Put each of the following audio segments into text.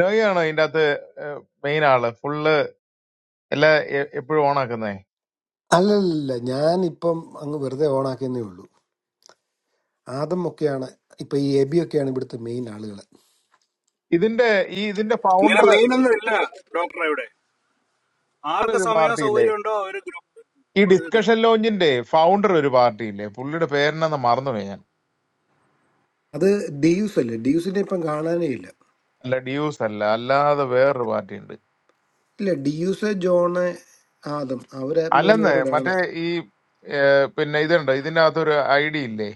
നോയിയാണോ ഇതിന്റെ അകത്ത് മെയിൻ ആള് ഫുള്ള് എല്ലാ എപ്പോഴും ഓണാക്കുന്നേ അല്ലല്ല ഞാനിപ്പം അങ്ങ് വെറുതെ ഓണാക്കിയെന്നേ ഉള്ളൂ ആദമൊക്കെയാണ് ഇപ്പൊ ഈ എബിയൊക്കെയാണ് ഇവിടുത്തെ മെയിൻ ആളുകൾ ഇതിന്റെ ഈ ഇതിന്റെ ഇങ്ങനെ ഫൗണ്ടർ മെയിൻ ഒന്നും ഇല്ല ഡോക്ടറെ ഇവിടെ ആർക്ക് ഒരു സമയവും പാർട്ടിയില്ലേ സൗകര്യം ഉണ്ടോ ഒരു ഗ്രൂപ്പ് ഈ ഇതിടുക ഡിസ്കഷൻ ലോഞ്ചിന്റെ ഫൗണ്ടർ ഒരു പാർട്ടിയില്ലേ പുള്ളിയുടെ പേരെന്നാന്ന് മറന്നുപോയി ഞാൻ അത് ഡിയൂസ് അല്ലേ ഡിയൂസിനെ ഇപ്പം കാണാനേ ഇല്ല അല്ല ഡ്യൂസ് അല്ല അല്ലാതെ വേറൊരു പാർട്ടി ഉണ്ട് ഇല്ല ഡിയൂസ് ജോണ് ആദം അവരെ മൂന്ന് അല്ലെന്ന് പേരോടാണ് മറ്റേ ഈ ഏർ, പിന്നെ ഇതുണ്ട് ഇതിന്റെ അകത്തൊരു ഐ ഡി ഇല്ലേ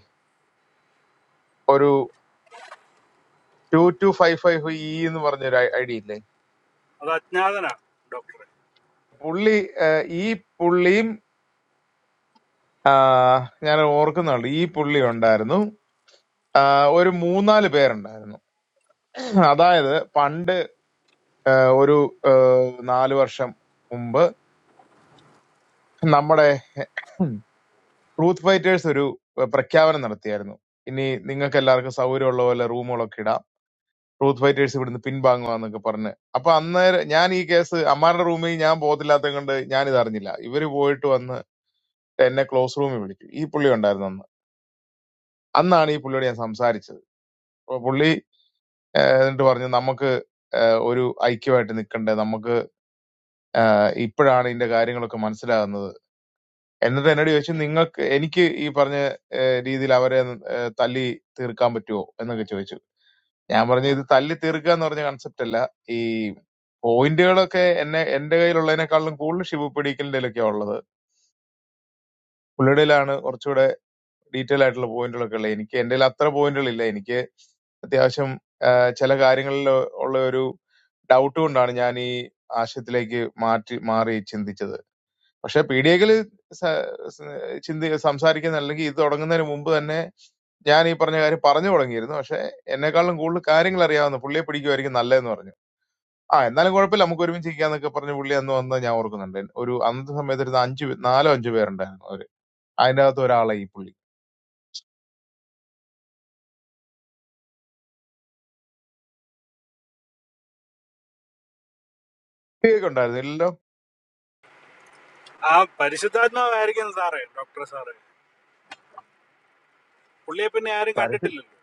two two five five E എന്ന് പറഞ്ഞൊരു ഐ ഡി ഇല്ലേ അത് അജ്ഞാതനാ ഡോക്ടറെ പുള്ളി ഏർ, ഈ പുള്ളിയും ആ, ഞാൻ ഓർക്കുന്നുണ്ട് ഈ പുള്ളി ഉണ്ടായിരുന്നു ആ, ഒരു മൂന്നാല് പേരുണ്ടായിരുന്നു അതായത് പണ്ട് ഏഹ്, ഒരു ഏഹ്, നാല് വർഷം മുമ്പ് നമ്മുടെ ട്രൂത്ത് ഫൈറ്റേഴ്സ് ഒരു ഏഹ്, പ്രഖ്യാപനം നടത്തിയായിരുന്നു ഇനി നിങ്ങൾക്ക് എല്ലാവർക്കും സൗകര്യമുള്ള പോലെ റൂമുകളൊക്കെ ഇടാം ട്രൂത്ത് ഫൈറ്റേഴ്സ് ഇവിടുന്ന് പിൻവാങ്ങുവാന്നൊക്കെ പറഞ്ഞ് അപ്പൊ അന്നേരം ഞാൻ ഈ കേസ് അമ്മാരുടെ റൂമിൽ ഞാൻ പോകത്തില്ലാത്തത് കൊണ്ട് ഞാൻ ഇത് അറിഞ്ഞില്ല ഇവര് പോയിട്ട് വന്ന് എന്നെ ക്ലോസ് റൂമിൽ വിളിച്ചു ഈ പുള്ളി ഉണ്ടായിരുന്നു അന്ന് അന്നാണ് ഈ പുള്ളിയോട് ഞാൻ സംസാരിച്ചത് അപ്പൊ പുള്ളി ഏഹ്, എന്നിട്ട് പറഞ്ഞു നമുക്ക് ഏഹ്, ഒരു ഐക്യമായിട്ട് നിൽക്കണ്ടേ നമുക്ക് ഏഹ്, ഇപ്പോഴാണ് ഇതിന്റെ കാര്യങ്ങളൊക്കെ മനസ്സിലാകുന്നത് എന്നിട്ട് എന്നോട് ചോദിച്ചു നിങ്ങൾക്ക് എനിക്ക് ഈ പറഞ്ഞ ഏഹ്, രീതിയിൽ അവരെ ഏഹ്, തല്ലി തീർക്കാൻ പറ്റുമോ എന്നൊക്കെ ചോദിച്ചു ഞാൻ പറഞ്ഞു ഇത് തല്ലി തീർക്കുക എന്ന് പറഞ്ഞ കൺസെപ്റ്റ് അല്ല ഈ പോയിന്റുകളൊക്കെ എന്നെ എന്റെ കയ്യിലുള്ളതിനേക്കാളും കൂടുതൽ ഷിബു പിടിക്കലിന്റെ ഉള്ളത് പുള്ളിയുടെയിലാണ് കുറച്ചുകൂടെ ഡീറ്റെയിൽ ആയിട്ടുള്ള പോയിന്റുകളൊക്കെ ഉള്ളത് എനിക്ക് എന്റെ കയ്യിൽ അത്ര പോയിന്റുകളില്ല എനിക്ക് അത്യാവശ്യം ആഹ്, ചില കാര്യങ്ങളിൽ ഉള്ള ഒരു ഡൗട്ട് കൊണ്ടാണ് ഞാൻ ഈ ആശയത്തിലേക്ക് മാറ്റി മാറി ചിന്തിച്ചത് പക്ഷെ പി ഡി എക്കിൽ ചിന്തി സംസാരിക്കുന്ന അല്ലെങ്കിൽ ഇത് തുടങ്ങുന്നതിന് മുമ്പ് തന്നെ ഞാൻ ഈ പറഞ്ഞ കാര്യം പറഞ്ഞു തുടങ്ങിയിരുന്നു പക്ഷെ എന്നെക്കാളും കൂടുതൽ കാര്യങ്ങൾ അറിയാവുന്ന പുള്ളിയെ പിടിക്കുമായിരിക്കും നല്ലതെന്ന് പറഞ്ഞു ആ എന്നാലും കുഴപ്പമില്ല നമുക്ക് ഒരുമിച്ച് ഇരിക്കാന്നൊക്കെ പറഞ്ഞ് പുള്ളി അന്ന് വന്ന് ഞാൻ ഓർക്കുന്നുണ്ട് ഒരു അന്നത്തെ സമയത്ത് ഒരു അഞ്ചു പേ- നാലോ അഞ്ചു പേരുണ്ടായിരുന്നു അവര് അതിന്റെ അകത്ത് ഒരാളെ ഈ പുള്ളി ഒക്കെ ഉണ്ടായിരുന്നു എല്ലാം ആ പരിശുദ്ധാത്മാവായിരിക്കും സാറേ ഡോക്ടറെ സാറേ പുള്ളിയെ പിന്നെ ആരും കണ്ടിട്ടില്ലല്ലോ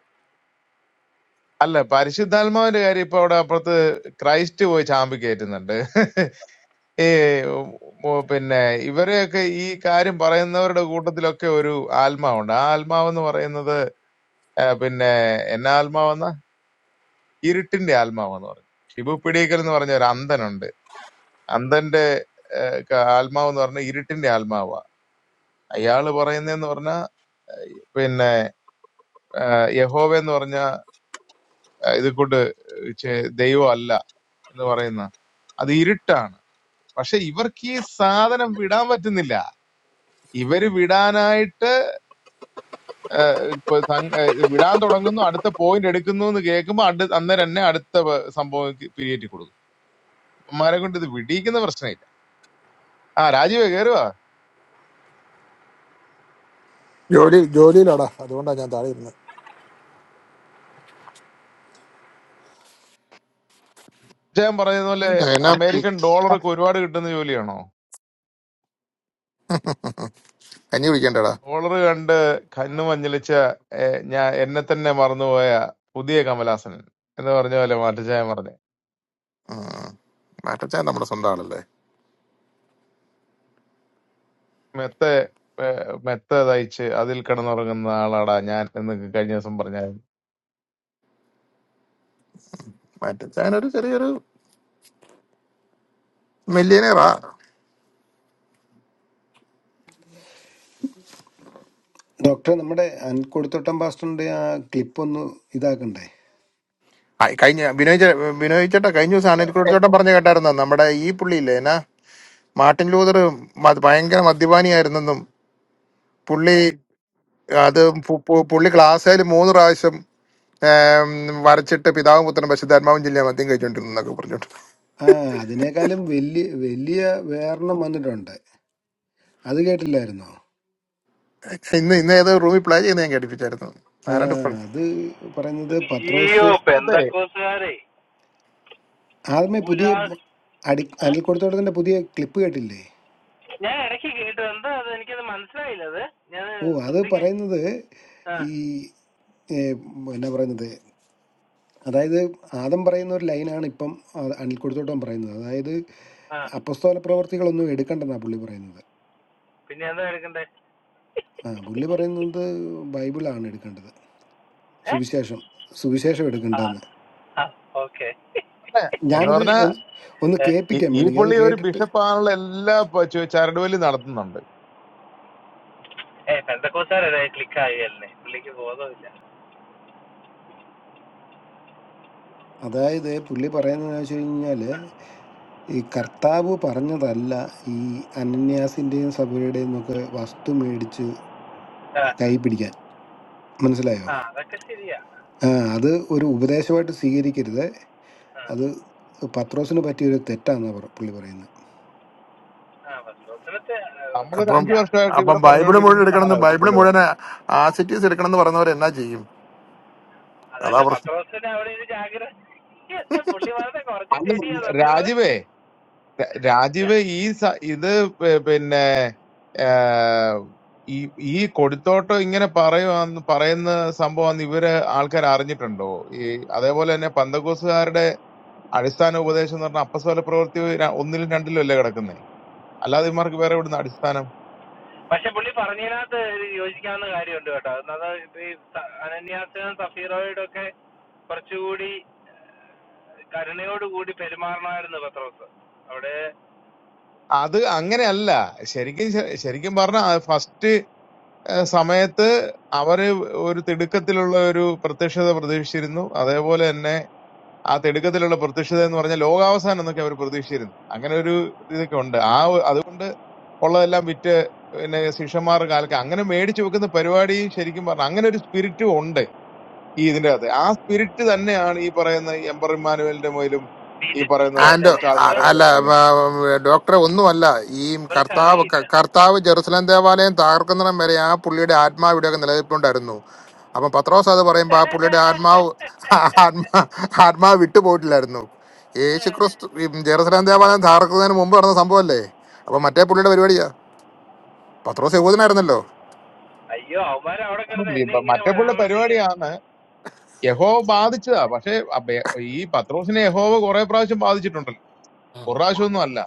അല്ല പരിശുദ്ധാത്മാവിന്റെ കാര്യം ഇപ്പൊ അവിടെ അപ്പുറത്ത് ക്രൈസ്റ്റ് പോയി ചാമ്പി കയറ്റുന്നുണ്ട് ഈ ഉം, ഉം, പിന്നെ ഇവരെയൊക്കെ ഈ കാര്യം പറയുന്നവരുടെ കൂട്ടത്തിലൊക്കെ ഒരു ആത്മാവുണ്ട് ആ ആത്മാവെന്ന് പറയുന്നത് ആ, പിന്നെ എന്നാ ആത്മാവെന്ന ഇരുട്ടിന്റെ ആത്മാവെന്ന് പറഞ്ഞു ഷിബു പിടിക്കൽ എന്ന് പറഞ്ഞ ഒരു അന്ധനുണ്ട് അന്ധന്റെ ആത്മാവ് എന്ന് പറഞ്ഞ ഇരുട്ടിന്റെ ആത്മാവാ അയാള് പറയുന്നതെന്ന് പറഞ്ഞാ പിന്നെ യഹോവ എന്ന് പറഞ്ഞ ഇത് കൊണ്ട് ചെ- ദൈവം അല്ല എന്ന് പറയുന്ന അത് ഇരുട്ടാണ് പക്ഷെ ഇവർക്ക് ഈ സാധനം വിടാൻ പറ്റുന്നില്ല ഇവര് വിടാനായിട്ട് ഇപ്പൊ സം- ഏ, വിടാൻ തുടങ്ങുന്നു അടുത്ത പോയിന്റ് എടുക്കുന്നു എന്ന് കേൾക്കുമ്പോ അടു അന്നേരം തന്നെ അടുത്ത പ- സംഭവം പിരിയേറ്റി കൊടുക്കും അമ്മമാരെ കൊണ്ട് ഇത് വിടിയിക്കുന്ന പ്രശ്നമില്ല ആ രാജീവ് കയറുക ജോലി ജോലിയിലാടാ അതുകൊണ്ടാ ഞാൻ താഴെ ഇരുന്നത് ഞാൻ പറയുന്ന പോലെ എന്നാ എന്നാ പറ്റി? അമേരിക്കൻ ഡോളറൊക്കെ ഒരുപാട് കിട്ടുന്ന ജോലിയാണോ കഞ്ഞി കുടിക്കണ്ടടാ ഡോളർ കണ്ട് കണ്ണു മഞ്ഞളിച്ച ഏ, ഞാൻ എന്നെ തന്നെ മറന്നുപോയ പുതിയ കമലാസനൻ എന്ന് പറഞ്ഞ പോലെ മാറ്റച്ചായം പറഞ്ഞു ഉം. മാറ്റച്ചാൻ നമ്മുടെ സ്വന്തം ആളല്ലേ മെത്ത ഏ, മെത്ത തയ്ച്ച് അതിൽ കിടന്നുറങ്ങുന്ന ആളാടാ ഞാൻ എന്ന് കഴിഞ്ഞ ദിവസം പറഞ്ഞാൽ മാറ്റച്ചാൻ ഒരു ചെറിയൊരു മില്ലിയനെയറാ ഡോക്ടർ നമ്മുടെ അൻകൊടുത്തോട്ടം പാസ്റ്ററിന്റെ ആ ക്ലിപ്പ് ഒന്ന് ഇതാക്കണ്ടേ ആ, കഴിഞ്ഞ ബിനോയ് ചേ- ബിനോയ് ചേട്ടാ കഴിഞ്ഞ ദിവസം അനിൽക്കുടി ചേട്ടൻ പറഞ്ഞു കേട്ടായിരുന്നു നമ്മുടെ ഈ പുള്ളി ഇല്ലേ എന്നാ മാർട്ടിൻ ലൂതർ മ- ഭയങ്കര മദ്യപാനിയായിരുന്നെന്നും പുള്ളി അത് പു- പു- പുള്ളി ക്ലാസ്സിൽ മൂന്ന് പ്രാവശ്യം ഏം, വരച്ചിട്ട് പിതാവും പുത്രനും പശുദ്ധാത്മാവും ജില്ല മദ്യം കഴിച്ചോണ്ടിരുന്നു എന്നൊക്കെ പറഞ്ഞോണ്ട് ആ അതിനേക്കാളും വലിയ വലിയ വേറെണ്ണം വന്നിട്ടുണ്ട് അത് കേട്ടില്ലായിരുന്നോ ഇന്ന് ഇന്ന് ഏതോ റൂമിൽ പ്ലേ ചെയ്യുന്ന ഞാൻ കേട്ടിപ്പിച്ചായിരുന്നു ആ ആരാണ്ട് അത് പറയുന്നത് അയ്യോ പത്രോസ് പെന്തക്കോസുകാരെ ആദ്യമേ പുതിയ പൂരാ അടി ഏ? അനിൽ കൊടുത്തോട്ടത്തിന്റെ പുതിയ ക്ലിപ്പ് കേട്ടില്ലേ ഞാൻ ഇടയ്ക്ക് കേട്ടു എന്താ അത് എനിക്കത് മനസ്സിലായില്ല അത് ഞാൻ ഓ അത് ശ്രദ്ധിക്ക പറയുന്നത് ആ ഈ ഏ, എന്നാ പറയുന്നത് അതായത് ആദം പറയുന്ന ഒരു ലൈനാണ് ഇപ്പം ആ അണിൽക്കൊടുത്തോട്ടം പറയുന്നത് അതായത് ആ അപ്പസ്തോല പ്രവർത്തികളൊന്നും എടുക്കണ്ടെന്നാണ് പുള്ളി പറയുന്നത് പിന്നെ എന്താ എടുക്കണ്ടേ ആ പുള്ളി പറയുന്നത് ബൈബിളാണ് എടുക്കേണ്ടത് ഏ സുവിശേഷം സുവിശേഷം ആ എടുക്കേണ്ടതെന്ന് ആ ഓക്കെ എന്ന് ഞാനത് പറഞ്ഞ ഒന്ന് ഒന്ന് ഈ കേൾപ്പിക്കാൻ ഈ വേണമെങ്കിൽ അത് പുള്ളി ഒരു കേട്ടിട്ട് ബിഷപ്പാണുള്ള എല്ലാ പ- ചു- ചരടുവലി നടത്തുന്നുണ്ട് ഏ പെന്തക്കോസുകാരെ ക്ലിക്ക് ആയി അല്ലേ പുള്ളിക്ക് ബോധമില്ല അതായത് പുള്ളി പറയുന്നത് വെച്ച് കഴിഞ്ഞാൽ ഈ കർത്താവ് പറഞ്ഞതല്ല ഈ അനന്യാസിൻ്റെയും സഭയുടെയും ഒക്കെ വസ്തു മേടിച്ച് ആ കൈ പിടിക്കാൻ മനസ്സിലായോ ആ അതൊക്കെ ശരിയാ ആ, അത് ഒരു ഉപദേശമായിട്ട് സ്വീകരിക്കരുത് ആ അത് പത്രോസിന് പറ്റിയൊരു തെറ്റാന്ന് പറ- പുള്ളി പറയുന്നത് ആ പത്രോസിനത്തെ നമ്മളൊരു അപ്പം അഞ്ചു പത്ര വർഷമായിട്ട് അപ്പം ഇവിടെ ബൈബിള് മുഴുവൻ പറഞ്ഞുകൊണ്ടിരിക്കുന്ന എടുക്കണമെന്ന് സാധനം ഇപ്പൊ ബൈബിള് പുള്ളി മുഴുവൻ പറഞ്ഞു ആസിറ്റീസ് എടുക്കണമെന്ന് പറയുന്നവർ എന്നാ ചെയ്യും അതാ അതല്ല പ്രശ്നം പത്രോസിന് അവിടെ ഒരു ജാഗ്രത പുള്ളി വളരെ കുറച്ച് അല്ല ശരിയാ സത്യം പറഞ്ഞ രാജീവേ രാ- രാജീവേ ഈ സ- ഇത് പി- പിന്നെ ഏഹ്, ഈ ഈ കൊടുത്തോട്ടം ഇങ്ങനെ പറയുവാന്ന് പറയുന്ന സംഭവം ഇവര് ആൾക്കാർ അറിഞ്ഞിട്ടുണ്ടോ ഈ അതേപോലെ തന്നെ പന്തകോസുകാരുടെ അടിസ്ഥാന ഉപദേശം എന്ന് പറഞ്ഞാൽ അപ്പസ്വല പ്രവൃത്തി ര- ഒന്നിലും രണ്ടിലും അല്ലേ കിടക്കുന്നേ അല്ലാതെ ഇമാർക്ക് വേറെ ഇവിടുന്ന് അടിസ്ഥാനം പക്ഷെ പുള്ളി പറഞ്ഞതിനകത്ത് ഒരു യോജിക്കാവുന്ന കാര്യമുണ്ട് കേട്ടോ എന്നത് ഈ സ- അനന്യാസിനും സഫീറോയോടും ഒക്കെ കുറച്ചുകൂടി ഏഹ്, കരുണയോടുകൂടി പെരുമാറണമായിരുന്നു പത്രോസ് അവിടെ അത് അങ്ങനെയല്ല ശരിക്കും ശ- ശരിക്കും പറഞ്ഞ ഫസ്റ്റ് ഏഹ് സമയത്ത് അവര് ഒരു തിടുക്കത്തിലുള്ള ഒരു പ്രത്യക്ഷത പ്രതീക്ഷിച്ചിരുന്നു അതേപോലെ തന്നെ ആ തിടുക്കത്തിലുള്ള പ്രത്യക്ഷത എന്ന് പറഞ്ഞാൽ ലോകാവസാനം എന്നൊക്കെ അവർ പ്രതീക്ഷിച്ചിരുന്നു അങ്ങനെ ഒരു ഇതൊക്കെ ഉണ്ട് ആ ഒ- അതുകൊണ്ട് ഉള്ളതെല്ലാം വിറ്റ് പിന്നെ ശിഷ്യന്മാർ കാലത്ത് അങ്ങനെ മേടിച്ചു വെക്കുന്ന പരിപാടി ശരിക്കും പറഞ്ഞാൽ അങ്ങനെ ഒരു സ്പിരിറ്റും ഉണ്ട് ഈ ഇതിന്റെ അകത്ത് ആ സ്പിരിറ്റ് തന്നെയാണ് ഈ പറയുന്ന എംബർ ഇമ്മാനുവലിന്റെ മുതലും ഈ പറയുന്ന വിരക്തി ആൻഡ് അല്ലെന്നേ കുറച്ച് അ- ആൾക്കാരുടെ മേലെ അല്ല അതൊന്നും കിടക്കുന്നത് വ- ഡോക്ടറെ ഒന്നുമല്ല ഈ ഇവർക്ക് കർത്താവ് അറിയില്ല ക- കർത്താവ് ജെറുസലേം ദേവാലയം തകർക്കുന്നിടം വരെ ആ പുള്ളിയുടെ ആത്മാവ് ഇവിടെയൊക്കെ നിലനിൽപ്പുണ്ടായിരുന്നു അപ്പം പത്രോസ് അത് പറയുമ്പോൾ ആ പുള്ളിയുടെ ആത്മാവ് ആത്മാ ആത്മാവ് വിട്ടുപോയിട്ടില്ലായിരുന്നു യേശു ക്രിസ്തു ഈ ജെറുസലേം ദേവാലയം തകർക്കുന്നതിന് മുമ്പ് നടന്ന സംഭവമല്ലേ അപ്പം മറ്റേ പുള്ളിയുടെ പരിപാടിയാ പത്രോസ് യഹൂദനായിരുന്നല്ലോ അയ്യോ അവന്മാർ അവിടെ അപ്പം കിടന്ന് ഈ എന്നെ പ- ഇങ്ങനെ മറ്റേപ്പുള്ള പരാമർശിക്കുന്നു പരിപാടിയാണ് യഹോവ ബാധിച്ചതാ പക്ഷെ ഈ പത്രോസിനെ യഹോവ കുറെ പ്രാവശ്യം ബാധിച്ചിട്ടുണ്ട് ഒന്നും അല്ല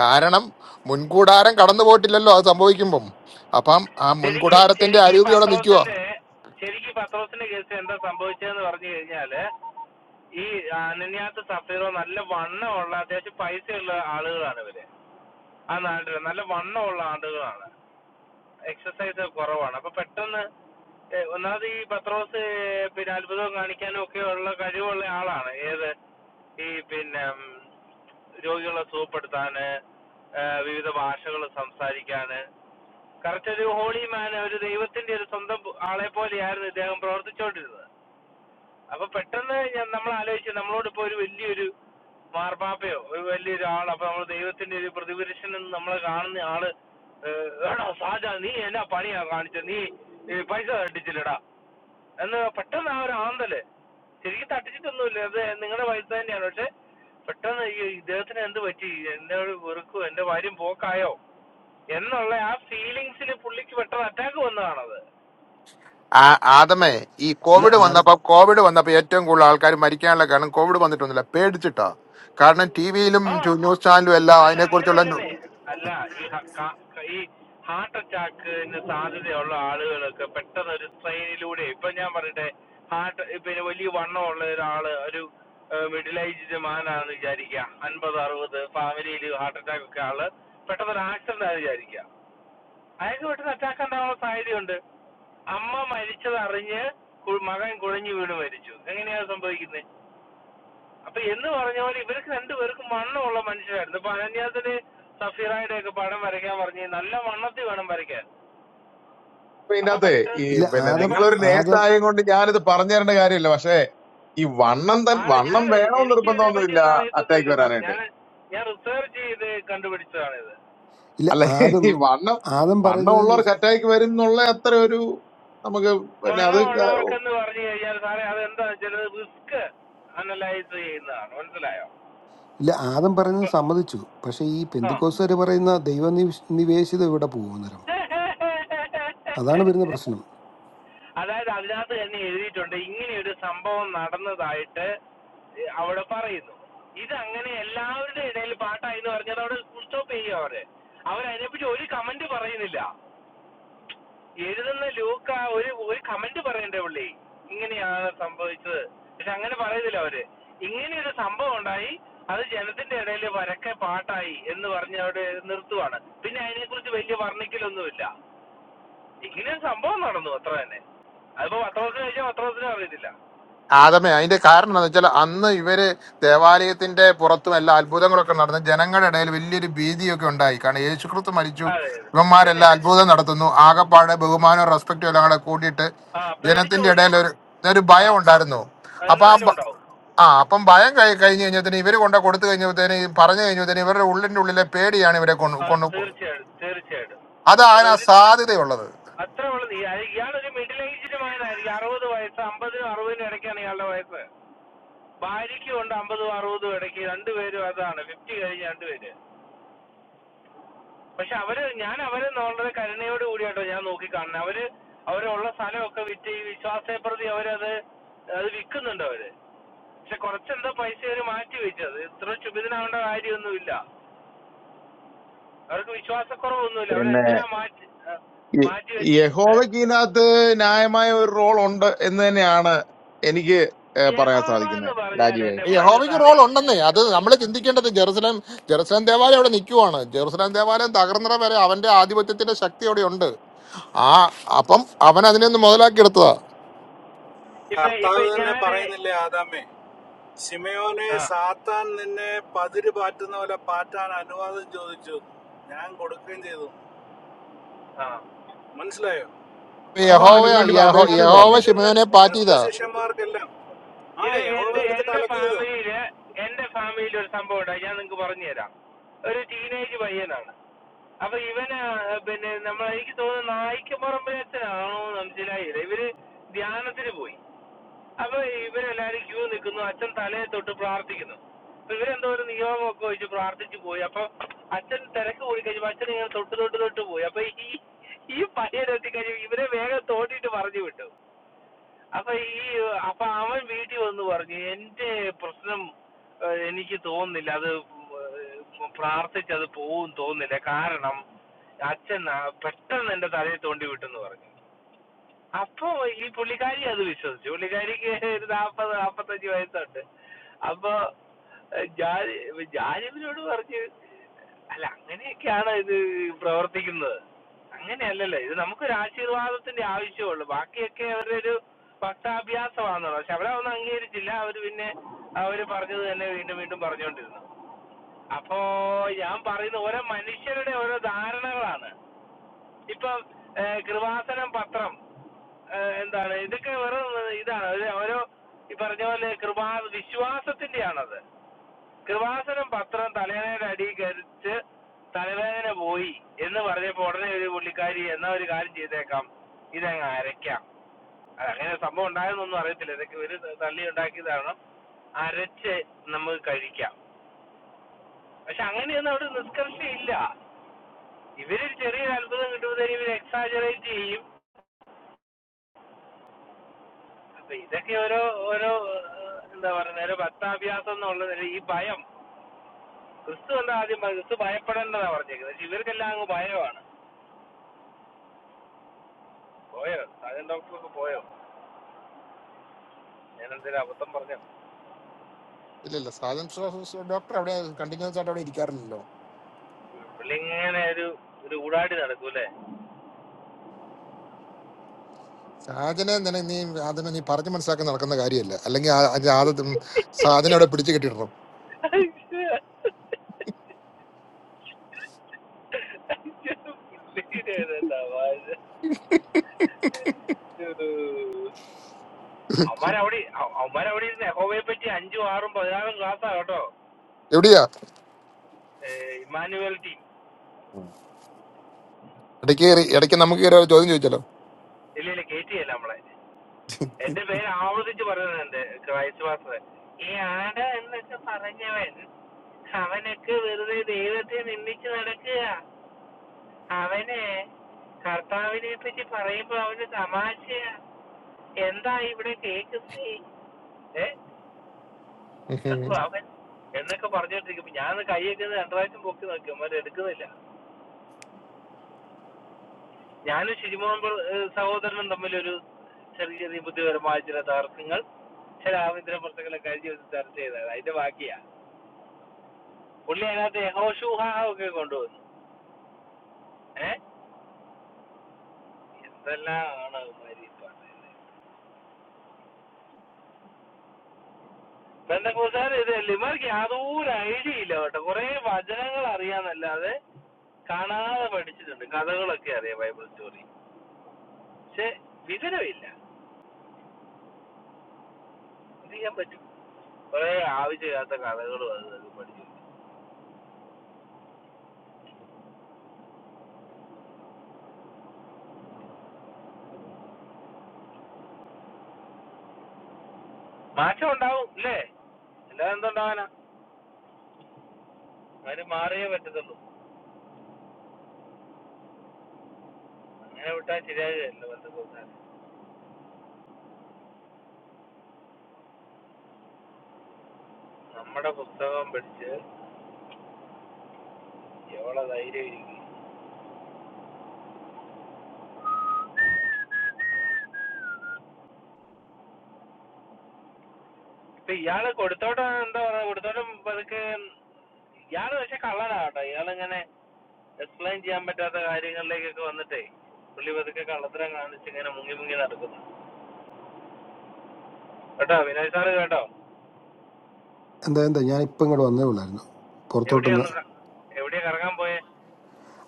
കാരണം മുൻകൂടാരം കടന്നു പോയിട്ടില്ലല്ലോ അത് സംഭവിക്കുമ്പം അപ്പം ആ ശരിക്ക് മുൻകൂടാരത്തിന്റെ ശരിക്ക് ഈ അരൂപി അവിടെ നിൽക്കുക പത്രോസിന്റെ ശരിക്ക് ഈ പത്രോസിന്റെ കേസ് എന്താ സംഭവിച്ചതെന്ന് പറഞ്ഞു കഴിഞ്ഞാല് ഈ അനന്യാസ് സഫീറോ നല്ല വണ്ണമുള്ള അത്യാവശ്യം പൈസയുള്ള ആളുകളാണ് ഇവര് ആ നാട്ടില് നല്ല വണ്ണമുള്ള ആളുകളാണ് എക്സസൈസ് കുറവാണ് അപ്പൊ പെട്ടെന്ന് ഏ, ഒന്നാമത് ഈ പത്രോസ് ഏ, പിന്നെ അത്ഭുതം കാണിക്കാനും ഒക്കെ ഉള്ള കഴിവുള്ള ആളാണ് ഏത് ഈ പിന്നെ ഉം, രോഗികളെ സുഖപ്പെടുത്താന് ഏ, വിവിധ ഭാഷകൾ സംസാരിക്കാന് കറക്റ്റ് ഒരു ഹോളി മാൻ ഒരു ദൈവത്തിന്റെ ഒരു സ്വന്തം പു- ആളെ പോലെയായിരുന്നു ഇദ്ദേഹം പ്രവർത്തിച്ചുകൊണ്ടിരുന്നത് അപ്പൊ പെട്ടെന്ന് ഞാൻ നമ്മൾ ആലോചിച്ചു നമ്മളോടിപ്പോ ഒരു വലിയൊരു മാർപ്പാപ്പയോ ഒരു വലിയൊരു ആൾ അപ്പൊ നമ്മൾ ദൈവത്തിന്റെ ഒരു പ്രതിപുരുഷൻ എന്ന് നമ്മളെ കാണുന്ന ആള് ഏഹ്, എടാ സാജ നീ എന്നാ പണിയാ കാണിച്ചത് നീ ഈ പൈസ തട്ടിച്ചില്ലടാ എന്ന് പെട്ടെന്ന് ആ ഒരു ആന്തല് ശരിക്കും തട്ടിച്ചിട്ടൊന്നുമില്ല അത് നിങ്ങളുടെ പൈസ തന്നെയാണ് പക്ഷെ പെട്ടെന്ന് ഈ ഇദ്ദേഹത്തിന് എന്ത് പറ്റി എന്നോട് വെറുക്കോ എന്റെ ഭാര്യം പോക്കായോ എന്നുള്ള ആ ഫീലിങ്സിൽ പുള്ളിക്ക് പെട്ടെന്ന് അറ്റാക്ക് വന്നതാണത് ആ- ആദമേ ഈ ഇല്ല ആ കോവിഡ് ആദ വന്നപ്പോ കോവിഡ് വന്നപ്പോ ഏറ്റവും കൂടുതൽ ആൾക്കാർ മരിക്കാനുള്ള കാരണം കോവിഡ് വന്നിട്ടൊന്നുമില്ല പേടിച്ചിട്ടാ കാരണം ടി വിയിലും ആ ന്യൂസ് ചാനലും എല്ലാം അല്ല അതിനെക്കുറിച്ചുള്ള അങ്ങനെയല്ലേ അല്ല ഈ ഹ- ക- ക- ഈ ഹാർട്ട് അറ്റാക്കിന് സാധ്യതയുള്ള ആളുകളൊക്കെ പെട്ടെന്ന് ഒരു ട്രെയിനിലൂടെ ഇപ്പൊ ഞാൻ പറയട്ടെ ഹാർട്ട് പിന്നെ വലിയ വണ്ണമുള്ള ഒരാള് ഒരു മിഡിൽ ഏജ്ഡ് മാനാണെന്ന് വിചാരിക്കുക അൻപത് അറുപത് ഫാമിലിയിൽ ഹാർട്ട് അറ്റാക്ക് ഒക്കെ ആള് പെട്ടെന്ന് ഒരു ആക്സിഡന്റ് ആണെന്ന് വിചാരിക്കുക അയാൾക്ക് പെട്ടെന്ന് അറ്റാക്ക് ഉണ്ടാവാൻ സാധ്യതയുണ്ട് അമ്മ മരിച്ചത് അറിഞ്ഞ് കു- മകൻ കുഴഞ്ഞു വീണ് മരിച്ചു എങ്ങനെയാണ് സംഭവിക്കുന്നത് അപ്പൊ എന്ന് പറഞ്ഞ പോലെ ഇവർക്ക് രണ്ടുപേർക്കും വണ്ണമുള്ള മനുഷ്യരായിരുന്നു ഇപ്പൊ അനന്യാസിന് സഫീറായുടെ ഒക്കെ പടം വരയ്ക്കാൻ പറഞ്ഞു നല്ല വണ്ണത്തിൽ വേണം വരയ്ക്കാൻ അപ്പൊ അപ്പൊ ഇതിനകത്ത് പെട്ട് ഈ ഇല്ല പിന്നെ ഏ, ആദം പ- നിങ്ങളൊരു നേഴ്സ് ആദം ആയത് കൊണ്ട് ഞാനിത് പറഞ്ഞു തരേണ്ട കാര്യമില്ല പക്ഷെ ഈ വണ്ണം തൻ ആരെ ഞാൻ വണ്ണം വേണമെന്ന് എനിക്ക് ഇതിനെ പറ്റി നിർബന്ധമൊന്നുമില്ല ഒന്നും അറ്റാക്ക് അറിയത്തൊന്നുമില്ല സാർ വരാനായിട്ട് ഞാൻ ഞാൻ റിസർച്ച് ചെയ്ത് കണ്ടുപിടിച്ചതാണ് ഇത് ഇല്ല അല്ല ആദം ഈ വണ്ണം ആദം വണ്ണം പറയുന്നത് ഉള്ളവർക്ക് അറ്റാക്ക് വരും എന്നുള്ള അത്ര ഒരു നമുക്ക് പിന്നെ അത് ക- വണ്ണമുള്ളവർക്കെന്ന് പറഞ്ഞു കഴിഞ്ഞാൽ സാറേ അത് എന്താ വെച്ചാൽ റിസ്ക് അനലൈസ് ചെയ്യുന്നതാണ് മനസ്സിലായോ ഇല്ല ആദം പറയുന്നത് ഇപ്പൊ- സമ്മതിച്ചു പക്ഷെ ഈ ആ പെന്തുക്കോസുകാർ പറയുന്ന ദൈവ നിവേശിത ഇവിടെ പോകുന്നേരം അതാണ് വരുന്ന പ്രശ്നം അതായത് അതിനകത്ത് തന്നെ എഴുതിയിട്ടുണ്ട് ഇങ്ങനെ ഒരു സംഭവം നടന്നതായിട്ട് ഏ, അവിടെ പറയുന്നു ഇത് അങ്ങനെ എല്ലാവരുടെ ഇടയിൽ പാട്ടായി എന്ന് പറഞ്ഞത് അവിടെ ഫുൾ സ്റ്റോപ്പ് ചെയ്യും അവര് അവരതിനെപ്പറ്റി ഒരു കമന്റ് പറയുന്നില്ല എഴുതുന്ന ലൂക്ക ഒരു ഒരു കമന്റ് പറയണ്ടേ പുള്ളി ഇങ്ങനെയാണ് സംഭവിച്ചത് പക്ഷെ അങ്ങനെ പറയുന്നില്ല അവര് ഇങ്ങനെ ഒരു സംഭവം ഉണ്ടായി അത് ജനത്തിന്റെ ഇടയിൽ വരക്കെ പാട്ടായി എന്ന് പറഞ്ഞ് അവിടെ നിർത്തുവാണ് പിന്നെ അതിനെക്കുറിച്ച് വലിയ വർണ്ണിക്കലൊന്നുമില്ല ഇങ്ങനെ സംഭവം നടന്നു അത്ര തന്നെ അതിപ്പോ പത്രത്തിന് കഴിച്ചാൽ പത്രത്തിന് അറിയത്തില്ല ആദമേ അതിന്റെ കാരണം എന്താണെന്ന് വെച്ചാൽ അന്ന് ഇവര് ദേവാലയത്തിന്റെ പുറത്തും എല്ലാ അത്ഭുതങ്ങളൊക്കെ നടന്നു ജനങ്ങളുടെ ഇടയിൽ വലിയൊരു ഭീതിയൊക്കെ ഉണ്ടായി കാരണം യേശുക്രിസ്തു മരിച്ചു അതെ അതെ ഇവന്മാരെല്ലാം പിന്നല്ലേ അത്ഭുതം നടത്തുന്നു ആകപ്പാട് ബഹുമാനവും റെസ്പെക്റ്റും എല്ലാം കൂടെ കൂട്ടിയിട്ട് ആ പേടിച്ചു ജനത്തിന്റെ പോകുന്നേ ഇടയിൽ ഒരു ഒരു ആ ഭയം ഉണ്ടായിരുന്നു അപ്പൊ ആ എന്തായാലും ഭ- ഉണ്ടാവും ആ അപ്പം ഭയം കഴി കഴിഞ്ഞ് കഴിഞ്ഞപ്പത്തേന് ഇവര് കൊണ്ട കൊടുത്തു കഴിഞ്ഞപ്പത്തേന് ഈ പറഞ്ഞു കഴിഞ്ഞപ്പത്തേന് ഇവരുടെ ഉള്ളിന്റെ ഉള്ളിലെ പേടിയാണ് ഇവരെ കൊണ്ട് ആ കൊണ്ട് തീർച്ചയായിട്ടും തീർച്ചയായിട്ടും അത് ആ അതൊരു സാധ്യതയുള്ളത് അത്ര ഉള്ളത് ഈ- ഇയാളൊരു മിഡിൽ ഏജ്ഡ് മകനായിരിക്കും അറുപത് വയസ്സ് അമ്പതിനും അറുപതിനും ഇടയ്ക്കാണ് ഇയാളുടെ വയസ്സ് ഭാര്യയ്ക്കും ഉണ്ട് അമ്പതും അറുപതും ഇടയ്ക്ക് രണ്ടുപേരും അതാണ് ഫിഫ്റ്റി കഴിഞ്ഞ രണ്ടുപേര് പക്ഷെ അവര് ഞാൻ അവരെ വളരെ കരുണയോട് കൂടിയാട്ടോ ഞാൻ നോക്കി കാണുന്നത് അവര് അവരുള്ള സ്ഥലമൊക്കെ വിറ്റ് ഈ വിശ്വാസത്തെ പ്രതി അവരത് അത് വിൽക്കുന്നുണ്ട് അവര് പക്ഷെ കുറച്ചെന്തോ പൈസ അവര് മാറ്റി വെച്ചത് ഇത്ര ക്ഷുഭിതനാവേണ്ട കാര്യമൊന്നുമില്ല അവർക്ക് വിശ്വാസക്കുറവൊന്നുമില്ല പിന്നെ അവരെന്തിനാ മാറ്റി ഏഹ്, ഈ- മാറ്റി ഈ വെച്ച് ഏഹ്? യഹോവയ്ക്ക് ഇതിനകത്ത് ന്യായമായ ഒരു റോൾ ഉണ്ട് എന്ന് തന്നെയാണ് എനിക്ക് ഏഹ് പറയാൻ യഹോവ എന്ന് സാധിക്കുന്നത് പറഞ്ഞാൽ രാജീവേ എന്റെ പൊന്ന് യഹോവയ്ക്ക് സാറി റോൾ ഉണ്ടെന്നേ അത് നമ്മൾ ചിന്തിക്കേണ്ടത് ജെറുസലേം ജെറുസലേം ദേവാലയം അവിടെ നിൽക്കുവാണ് ജെറുസലേം ദേവാലയം തകർന്നറ വരെ അവന്റെ ആധിപത്യത്തിന്റെ ശക്തി അവിടെ ഉണ്ട് ആ അപ്പം അവൻ അതിനെ ഒന്ന് മുതലാക്കി എടുത്തതാ ഇപ്പൊ ഇപ്പൊ കർത്താവ് തന്നെ ഞാന് പറയുന്നില്ലേ ആദാമേ ശിമയോനെ ആ സാത്താൻ നിന്നെ പതിര് പാറ്റുന്ന പോലെ പാറ്റാൻ അനുവാദം ചോദിച്ചു എന്ന്. ഞാൻ കൊടുക്കുകയും ചെയ്തു എന്ന്. ആ മനസ്സിലായോ അപ്പൊ ഞാൻ യഹോവ അത് നിനക്ക് വേണ്ടി ആ യഹോ കാലത്ത് അപേക്ഷിച്ചു യഹോവ ജീവിച്ചിരുന്ന ഷിമയോനെ ക്രിസ്തു പാറ്റിയതാ ശിഷ്യന്മാർക്കെല്ലാം ആ ഇത് യഹോവ എന്റെ എടുത്തിട്ട് എന്റെ അലക്കിയത് ഫാമിലിയില് എന്റെ ഫാമിലിയിൽ ഒരു സംഭവം ഉണ്ടായി ഞാൻ നിങ്ങക്ക് പറഞ്ഞു തരാം ഒരു ടീനേജ് പയ്യനാണ് അപ്പൊ ഇവന് പിന്നെ നമ്മൾ എനിക്ക് തോന്നുന്നു നായിക്കപ്പറമ്പിലച്ഛനാണോ മനസ്സിലായില്ല ഇവര് ധ്യാനത്തിന് പോയി അപ്പൊ ഇവരെല്ലാരും ക്യൂ നിൽക്കുന്നു അച്ഛൻ തലയെ തൊട്ട് പ്രാർത്ഥിക്കുന്നു അപ്പൊ ഇവരെന്തോരം നിയോഗമൊക്കെ വെച്ച് പ്രാർത്ഥിച്ചു പോയി അപ്പൊ അച്ഛൻ തിരക്ക് കൂടി കഴിഞ്ഞപ്പോ അച്ഛൻ ഇങ്ങനെ തൊട്ട് തൊട്ട് തൊട്ട് പോയി അപ്പൊ ഈ ഈ പയ്യനെത്തി കഴിയുമ്പോ ഇവരെ വേഗം തോണ്ടിട്ട് പറഞ്ഞു വിട്ടു അപ്പൊ ഈ അപ്പൊ അവൻ വീട്ടിൽ വന്ന് പറഞ്ഞു എന്റെ പ്രശ്നം ഏഹ്, എനിക്ക് തോന്നുന്നില്ല അത് ഏഹ്, പ്രാർത്ഥിച്ച് അത് പോവും തോന്നുന്നില്ല കാരണം അച്ഛൻ ആ പെട്ടെന്ന് എന്റെ തലയിൽ തോണ്ടി വിട്ടെന്ന് പറഞ്ഞു അപ്പോ ഈ പുള്ളിക്കാരി അത് വിശ്വസിച്ചു പുള്ളിക്കാരിക്ക് ഒരു നാപ്പത് നാപ്പത്തഞ്ച് വയസ്സുണ്ട് അപ്പൊ ഏഹ്, ഞാൻ ഞാൻ ഇവരോട് പറഞ്ഞു അല്ല അങ്ങനെയൊക്കെയാണ് ഇത് പ്രവർത്തിക്കുന്നത് അങ്ങനെയല്ലല്ലോ ഇത് നമുക്കൊരു ആശീർവാദത്തിന്റെ ആവശ്യമുള്ളൂ ബാക്കിയൊക്കെ അവരുടെ ഒരു ഭക്താഭ്യാസമാണെന്നുള്ളത് പക്ഷെ അവരതൊന്നും അംഗീകരിച്ചില്ല അവര് പിന്നെ അവര് പറഞ്ഞത് തന്നെ വീണ്ടും വീണ്ടും പറഞ്ഞുകൊണ്ടിരുന്നു അപ്പോ ഞാൻ പറയുന്ന ഓരോ മനുഷ്യരുടെ ഓരോ ധാരണകളാണ് ഇപ്പം ഏഹ് കൃപാസനം പത്രം ഏഹ് എന്താണ് ഇതൊക്കെ വെറും ഇതാണ് ഒരു ഓരോ ഈ പറഞ്ഞ പോലെ കൃപാ വിശ്വാസത്തിന്റെയാണത് കൃപാസനം പത്രം തലവേദനയുടെ അടിയിൽ കരിച്ച് തലവേദന പോയി എന്ന് പറഞ്ഞപ്പോ ഉടനെ ഒരു പുള്ളിക്കാരി എന്നാ ഒരു കാര്യം ചെയ്തേക്കാം ഇതങ്ങ് അരയ്ക്കാം അത് അങ്ങനെ സംഭവം ഉണ്ടായെന്നൊന്നും അറിയത്തില്ല ഇതൊക്കെ ഒരു തള്ളി ഉണ്ടാക്കിയതാണ് അരച്ച് നമുക്ക് കഴിക്കാം പക്ഷെ അങ്ങനെയൊന്നും അവിടെ നിഷ്കർഷയില്ല ഇവര് ചെറിയൊരു അത്ഭുതം കിട്ടുമ്പോഴത്തേക്കും ഇവർ എക്സാജറേറ്റ് ചെയ്യും അപ്പൊ ഇതൊക്കെ ഓരോ ഓരോ ഏഹ്, എന്താ പറയുന്നത് ഒരു ഭക്താഭ്യാസം എന്നുള്ളത് ഒരു ഈ ഭയം ക്രിസ്തു എന്താ ആദ്യം പറഞ്ഞത്? ക്രിസ്തു ഭയപ്പെടേണ്ടതാ പറഞ്ഞേക്കുന്നത് പക്ഷെ ഇവർക്കെല്ലാം അങ്ങ് ഭയമാണ് പോയോ സാജൻ ഡോക്ടറൊക്കെ പോയോ ഞാൻ എന്തെങ്കിലും അബദ്ധം പറഞ്ഞു ഇല്ലില്ല സാജൻ ഡോക്ടർ അവിടെ കണ്ടിന്യൂസ് ആയിട്ട് അവിടെ ഇരിക്കാറില്ലല്ലോ പുള്ളി ഇങ്ങനെ ഒരു ഒരു ഊടാടി നടക്കൂല്ലേ സാജനെ നിന നീ അതിനെ നീ പറഞ്ഞു മനസ്സിലാക്കാൻ നടക്കുന്ന കാര്യമല്ല അല്ലെങ്കിൽ ആ- ആ ജാത- സാജനെ അവിടെ പിടിച്ചു കെട്ടിടണം അവന്മാരവിടെ അവന്മാരവിടെ ഇരുന്ന് എഹോവയെ പറ്റി അഞ്ചും ആറും പതിനാറും ക്ലാസ്സാ കേട്ടോ എവിടെയാ ഏഹ്, ഇമ്മാനുവൽ ടീം ഇടയ്ക്ക് കയറി ഇടയ്ക്ക് നമുക്ക് കയറി ഒരു ചോദ്യം ഇല്ല ഇല്ല കേറ്റിയല്ല നമ്മളെ എന്റെ പേര് ആവർത്തിച്ച് പറയുന്നുണ്ട് ക്രൈസ്വാസ് ഈ ആട എന്നൊക്കെ പറഞ്ഞവൻ അവനൊക്കെ വെറുതെ ദൈവത്തെ നിന്ദിച്ച് നടക്കുക അവനെ കർത്താവിനെ പറ്റി പറയുമ്പോ അവന് തമാശയാ ഏതാ ഇവിടെ കേക്കുന്നത് ഏ ചോദിച്ചല്ലോ അപ്പൊ അവൻ എന്നൊക്കെ പറഞ്ഞോണ്ടിരിക്കുമ്പോ ഞാൻ കൈയൊക്കെ ഒന്ന് രണ്ട് പ്രാവശ്യം പൊക്കി നോക്കി അവൻ എടുക്കുന്നില്ല ഞാനും ശുചിമോഹൻ ബ്ര- ഏഹ് സഹോദരനും തമ്മിൽ ഒരു ചെറിയ ചെറിയ ബുദ്ധിപരമായ ചില തർക്കങ്ങൾ ചില ആഭ്യന്തര പ്രശ്നങ്ങളൊക്കെ കഴിഞ്ഞ ദിവസം ചർച്ച ചെയ്തതാണ് അതിന്റെ ബാക്കിയാ പുള്ളി അതിനകത്ത് യഹോഷൂഹാ ഒക്കെ കൊണ്ടുവന്നു ഏ എന്തെല്ലാമാണ് അവന്മാര് ഈ പറയുന്നത് ബന്ധക്കൂസാർ ഇത് ലിമർക്ക് യാതൊരു ഐഡിയ ഇല്ല കേട്ടോ കുറെ വചനങ്ങൾ അറിയാന്നല്ലാതെ കാണാതെ പഠിച്ചിട്ടുണ്ട് കഥകളൊക്കെ അറിയാം ബൈബിൾ സ്റ്റോറി പക്ഷെ വിവരമില്ല എന്ത് ചെയ്യാൻ പറ്റും കുറെ ആവശ്യമില്ലാത്ത കഥകളും അത് ഇതൊക്കെ പഠിച്ചു മാറ്റം ഉണ്ടാവും ഇല്ലേ അല്ലാതെ എന്തുണ്ടാവാനാ അവര് മാറിയേ പറ്റത്തുള്ളൂ അങ്ങനെ വിട്ടാൽ ശരിയാകുകയല്ല ബന്ധക്കൂസാർ നമ്മുടെ പുസ്തകം പഠിച്ച് എവിടെ ധൈര്യം ഇരിക്കും ഇപ്പൊ ഇയാള് കൊടുത്തോട്ടം എന്താ പറയാ കൊടുത്തോട്ടം പതുക്കെ ഇയാള് പക്ഷെ കള്ളനാ കേട്ടോ ഇയാളിങ്ങനെ എക്സ്പ്ലെയിൻ ചെയ്യാൻ പറ്റാത്ത കാര്യങ്ങളിലേക്കൊക്കെ വന്നിട്ടേ പുള്ളി പതുക്കെ കള്ളത്തരം കാണിച്ച് ഇങ്ങനെ മുങ്ങി മുങ്ങി നടക്കുന്നു കേട്ടോ വിനോദ് സാറ് കേട്ടോ എന്താ എന്താ ഞാൻ ഇപ്പം ഇങ്ങോട്ട് വന്നേ ഉള്ളായിരുന്നു പുറത്തോട്ടൊന്ന് എവിടെയൊന്ന് ക- എവിടെയാ കറങ്ങാൻ പോയെ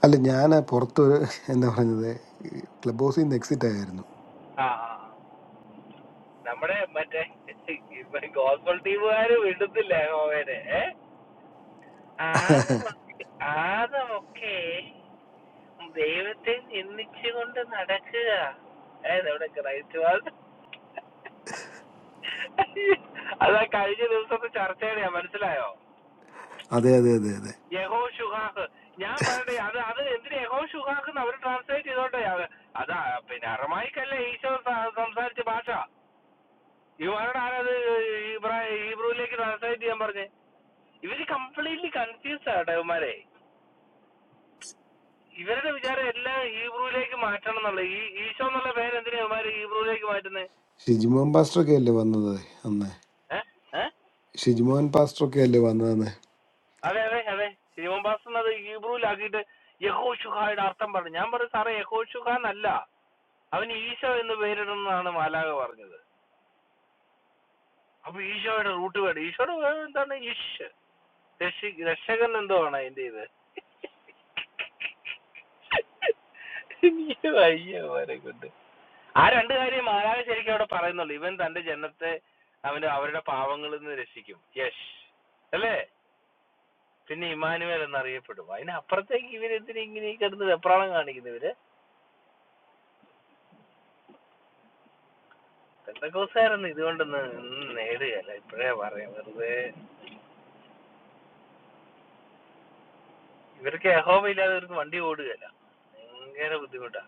അല്ല ഞാൻ പുറത്ത് ഒരു- എന്താ പറയുന്നത് ക്ലബ് ഹൗസിൽ നിന്ന് എക്സിറ്റ് ആയിരുന്നു ആ ആ, ആ. നമ്മുടെ മറ്റേ ഗോസ്ബോൾ ടീമുകാര് വിടുന്നില്ല ഗോവേനെ ഏ ആദമൊക്കെ ആദമൊക്കെ ദൈവത്തെ നിന്ദിച്ചുകൊണ്ട് നടക്കുക ഏ നമ്മുടെ ക്രൈസ്റ്റ് വാസ് അതാ കഴിഞ്ഞ ദിവസത്തെ ചർച്ചയുടെയാ മനസ്സിലായോ അതെ അതെ അതെ അതെ യഹോ ഷുഹാഹ് ഞാൻ പറയട്ടെ അത് അത് എന്തിന് യഹോ ഷുഹാഹ് എന്ന് അവർ ട്രാൻസ്ലേറ്റ് ചെയ്തോട്ടെ അത് അതാ പിന്നെ അറമായിക്കല്ലേ ഈശോ സ- സംസാരിച്ച ഭാഷ ഇവരോട് ആരത് ഇബ്രാ- ഹീബ്രുവിലേക്ക് ട്രാൻസ്ലേറ്റ് ചെയ്യാൻ പറഞ്ഞേ ഇവര് കംപ്ലീറ്റ്ലി കൺഫ്യൂസ് ആട്ടെ ഇവന്മാരെ ഇവരുടെ വിചാരം എല്ലാം ഹീബ്രുവിലേക്ക് മാറ്റണം എന്നുള്ള ഈ ഈശോ എന്നുള്ള പേര് എന്തിനാ ഇവന്മാര് ഹീബ്രുവിലേക്ക് മാറ്റുന്നത് ഷിജിമോൻ പാസ്റ്റർ ഒക്കെ അല്ലേ വന്നത് അന്ന് ഏഹ് ഏഹ് ഷിജിമോൻ പാസ്റ്റർ ഒക്കെ അല്ലേ വന്നത് അതെ അതെ അതെ ശിവൻ പാസ്റ്റർ അത് ഹീബ്രുവിലാക്കിയിട്ട് യഹോഷുഹായുടെ അർത്ഥം പറഞ്ഞു ഞാൻ പറഞ്ഞു സാറേ യഹോഷുഹ എന്നല്ല അവന് ഈശോ എന്ന് പേരിടുന്നതാണ് മാലാക പറഞ്ഞത് അപ്പൊ ഈശോയുടെ റൂട്ട് വേണം ഈശോയുടെ വേറെ എന്താണ് ഈശ് രക്ഷി രക്ഷകൻ എന്തോ ആണ് അതിന്റെ ഇത് എനിക്ക് വയ്യ അവരെ കൊണ്ട് ആ രണ്ട് കാര്യം മാലാക ശരിക്കും അവിടെ പറയുന്നുള്ളൂ ഇവൻ തന്റെ ജനത്തെ അവന് അവരുടെ പാവങ്ങളിൽ നിന്ന് രക്ഷിക്കും യശ് അല്ലേ പിന്നെ ഇമാനുവേൽ എന്നറിയപ്പെടും അതിനപ്പുറത്തേക്ക് ഇവരെന്തിനാ ഇങ്ങനെ ഈ കിടന്ന് വെപ്രാളം കാണിക്കുന്നു ഇവര് പെന്തക്കോസ്തുകാരൊന്നും ഇതുകൊണ്ടൊന്നും ഒന്നും നേടുകയല്ല ഇപ്പോഴേ പറയാം വെറുതെ ഇവർക്ക് യഹോവ ഇല്ലാതെ ഇവർക്ക് വണ്ടി ഓടുകയല്ല ഭയങ്കര ബുദ്ധിമുട്ടാ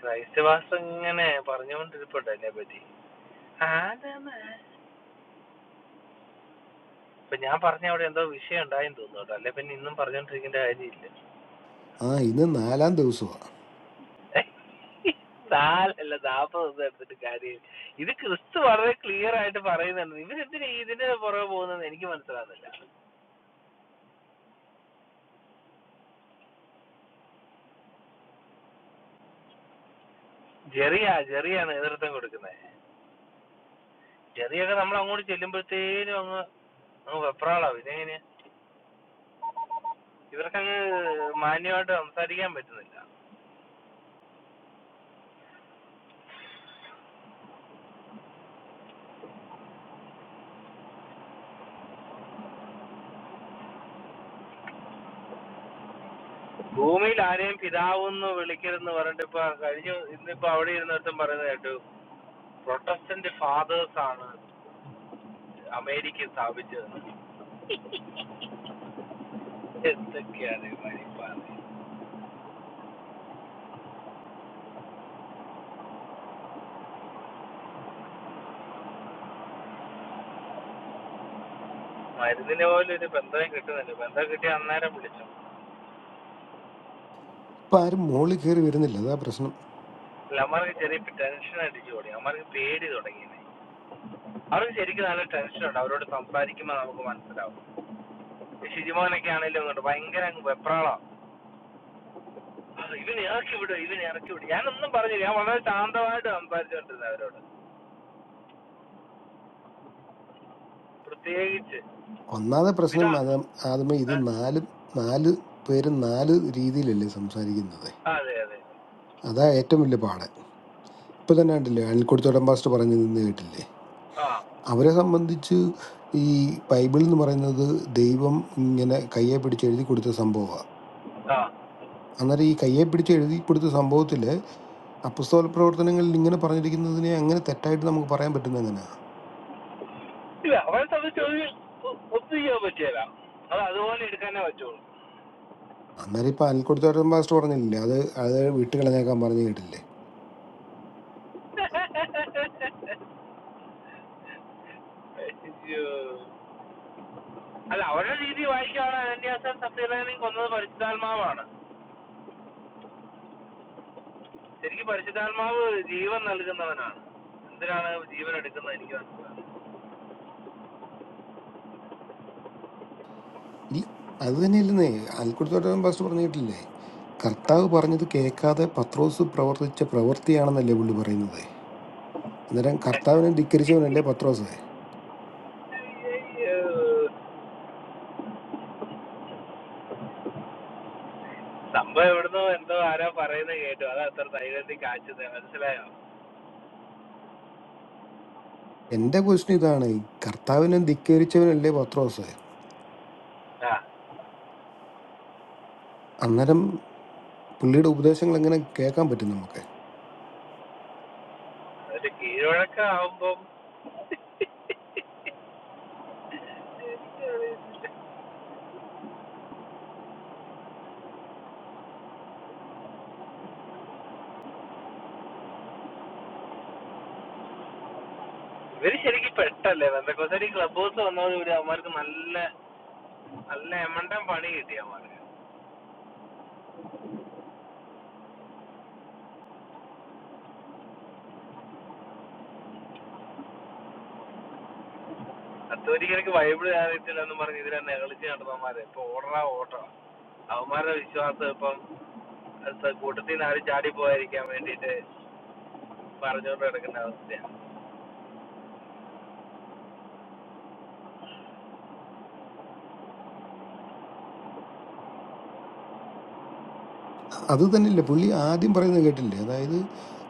ക്രൈസ്റ്റ് മാസ്റ്റർ ഇങ്ങനെ പറഞ്ഞുകൊണ്ടിരിപ്പുണ്ട് എന്നെ പറ്റി ആരാണ്? ഇപ്പൊ ഞാൻ പറഞ്ഞ അവിടെ എന്തോ വിഷയം ഉണ്ടായെന്ന് തോന്നുന്നു കേട്ടോ അല്ലെ പിന്നെ ഇന്നും പറഞ്ഞോണ്ടിരിക്കേണ്ട കാര്യമില്ല ആ ഇന്ന് നാലാം ദിവസമാ നാലല്ല നാപ്പത് ദിവസം എടുത്തിട്ട് കാര്യം ഇത് ക്രിസ്തു വളരെ ക്ലിയർ ആയിട്ട് പറയുന്നുണ്ട് ഇവരെന്തിനാ ഇതിന്റെ പുറകെ പോകുന്നത് എനിക്ക് മനസ്സിലാകുന്നില്ല ജെറിയാ ജെറിയാണ് നേതൃത്വം കൊടുക്കുന്നത് ചെറിയൊക്കെ നമ്മൾ അങ്ങോട്ട് ചെല്ലുമ്പോഴത്തേനും അങ്ങ് അങ്ങ് വെപ്രാളാ പിന്നെ എങ്ങനെ ഇവർക്കങ്ങ് മാന്യമായിട്ട് സംസാരിക്കാൻ പറ്റുന്നില്ല ഭൂമിയിൽ ആരെയും പിതാവെന്ന് വിളിക്കരുതെന്ന് പറഞ്ഞിട്ട് ഇപ്പൊ കഴിഞ്ഞ ഇന്നിപ്പോ അവിടെ ഇരുന്നിടത്തും പറയുന്നത് കേട്ടു പ്രൊട്ടസ്റ്റന്റ് ഫാദേഴ്സ് ആണ് അമേരിക്ക സ്ഥാപിച്ചത് എന്തൊക്കെയാണ് ഈ മരിപ്പാണ് മരുന്നിന് പോലും ഒരു ബന്ധം കിട്ടുന്നില്ല ബന്ധം കിട്ടിയ അന്നേരം വിളിച്ചു ഇപ്പൊ ആരും മുകളിൽ കയറി വരുന്നില്ല അതാ പ്രശ്നം അല്ല അമ്മമാർക്ക് ചെറിയ ടെൻഷൻ അടിച്ചു തുടങ്ങി അമ്മമാർക്ക് പേടി തുടങ്ങി അവർക്ക് ശരിക്കും നല്ല ടെൻഷൻ ഉണ്ട് അവരോട് സംസാരിക്കുമ്പോൾ നമുക്ക് മനസ്സിലാവും ഷിജിമോനൊക്കെ ആണെങ്കിലും അങ്ങോട്ട് ഭയങ്കര അങ്ങ് വെപ്രാളാ ആ, ഇവനെ ഇറക്കി വിടുക ഇവനെ ഇറക്കി വിടുക ഞാനൊന്നും പറഞ്ഞില്ല ഞാൻ വളരെ ശാന്തമായിട്ട് സംസാരിച്ചുകൊണ്ടിരുന്നത് അവരോട് പ്രത്യേകിച്ച് ഒന്നാമത്തെ പിതാ പ്രശ്നം അതാ ആദ്യമേ ഇത് ഏ? ആ, നാല് നാല് പേരും നാല് രീതിയിലല്ലേ സംസാരിക്കുന്നത് അതെ അതെ അതാ ഏറ്റവും വലിയ പാട് ഇപ്പൊ തന്നെ കണ്ടില്ലേ അണിൽക്കുടത്തോടം പാസ്റ്റ് പറഞ്ഞു നിന്ന് കേട്ടില്ലേ ആ അവരെ സംബന്ധിച്ച് ഈ ബൈബിൾ എന്ന് പറയുന്നത് ദൈവം ഇങ്ങനെ കയ്യെ പിടിച്ച് എഴുതി കൊടുത്ത സംഭവമാണ് ആ അന്നേരം ഈ കയ്യെ പിടിച്ച് എഴുതി കൊടുത്ത സംഭവത്തിൽ അപ്പസ്തോല പ്രവർത്തനങ്ങളിൽ ഇങ്ങനെ പറഞ്ഞിരിക്കുന്നതിനെ അങ്ങനെ തെറ്റായിട്ട് നമുക്ക് പറയാൻ പറ്റുന്ന ഇല്ല അവരെ സംബന്ധിച്ച് ഒരു ഒ- ഒന്നും ചെയ്യാൻ പറ്റിയല്ല അത് അതുപോലെ എടുക്കാനേ പറ്റുള്ളൂ അന്നേരം ഇപ്പൊ അൽക്കുടുത്തോട്ടം പാസ്റ്റർ പറഞ്ഞില്ലേ അത് അത് വിട്ട് കളഞ്ഞേക്കാൻ പറഞ്ഞു കേട്ടില്ലേ അയ്യോ. അല്ല അവരുടെ രീതി വായിക്കുകയാണ് അനന്യാസം സത്യനാരായണൻ കൊന്നത് പരിശുദ്ധാത്മാവാണ് ശരിക്കും പരിശുദ്ധാത്മാവ് ജീവൻ നൽകുന്നവനാണ് എന്തിനാണ് ജീവൻ എടുക്കുന്നത് എനിക്ക് മനസ്സിലാകും ഇല്ല അത് തന്നെ ഇല്ലെന്നേ അൽക്കുടുത്തോട്ടം പാസ്റ്റർ പറഞ്ഞു കേട്ടില്ലേ കർത്താവ് പറഞ്ഞത് കേൾക്കാതെ പത്രോസ് പ്രവർത്തിച്ച പ്രവൃത്തിയാണെന്നല്ലേ പുള്ളി പറയുന്നത് അന്നേരം കർത്താവിനെ ധിക്കരിച്ചവനല്ലേ പത്രോസ് ഏഹ്, സംഭവം എവിടുന്നോ എന്തോ ആരോ പറയുന്നത് കേട്ടു അത് അത്ര ധൈര്യത്തിൽ കാച്ചത് മനസ്സിലായോ എന്റെ ക്വസ്റ്റ്യൻ ഇതാണ് കർത്താവിനെ ധിക്കരിച്ചവനല്ലേ പത്രോസ് ആ അന്നേരം പുള്ളിയുടെ ഉപദേശങ്ങൾ എങ്ങനെ കേൾക്കാൻ പറ്റും നമുക്ക് അതിന്റെ കീഴ്വഴക്കം ആവുമ്പം ഇവര് ശരിക്കും പെട്ടല്ലേ ബന്ധക്കോസരി ക്ലബ് ഹൗസ് വന്നതോട് കൂടി അവന്മാർക്ക് നല്ല നല്ല എമണ്ടം പണി കിട്ടി അവന്മാർക്ക് അത്തൊരിക്കലേക്ക് ബൈബിൾ അറിയത്തില്ല എന്ന് പറഞ്ഞ് ഇതിലെ നെകളിച്ച് നടന്നവന്മാരെ ഇപ്പൊ ഓടറാ ഓട്ടോ അവന്മാരുടെ വിശ്വാസം ഇപ്പം അത് കൂട്ടത്തിൽ നിന്ന് ആരും ചാടി പോകാതിരിക്കാൻ വേണ്ടിയിട്ട് പറഞ്ഞുകൊണ്ട് കിടക്കുന്ന അവസ്ഥയാണ് അത് തന്നെയല്ലേ പുള്ളി ആദ്യം പറയുന്നത് കേട്ടില്ലേ അതായത്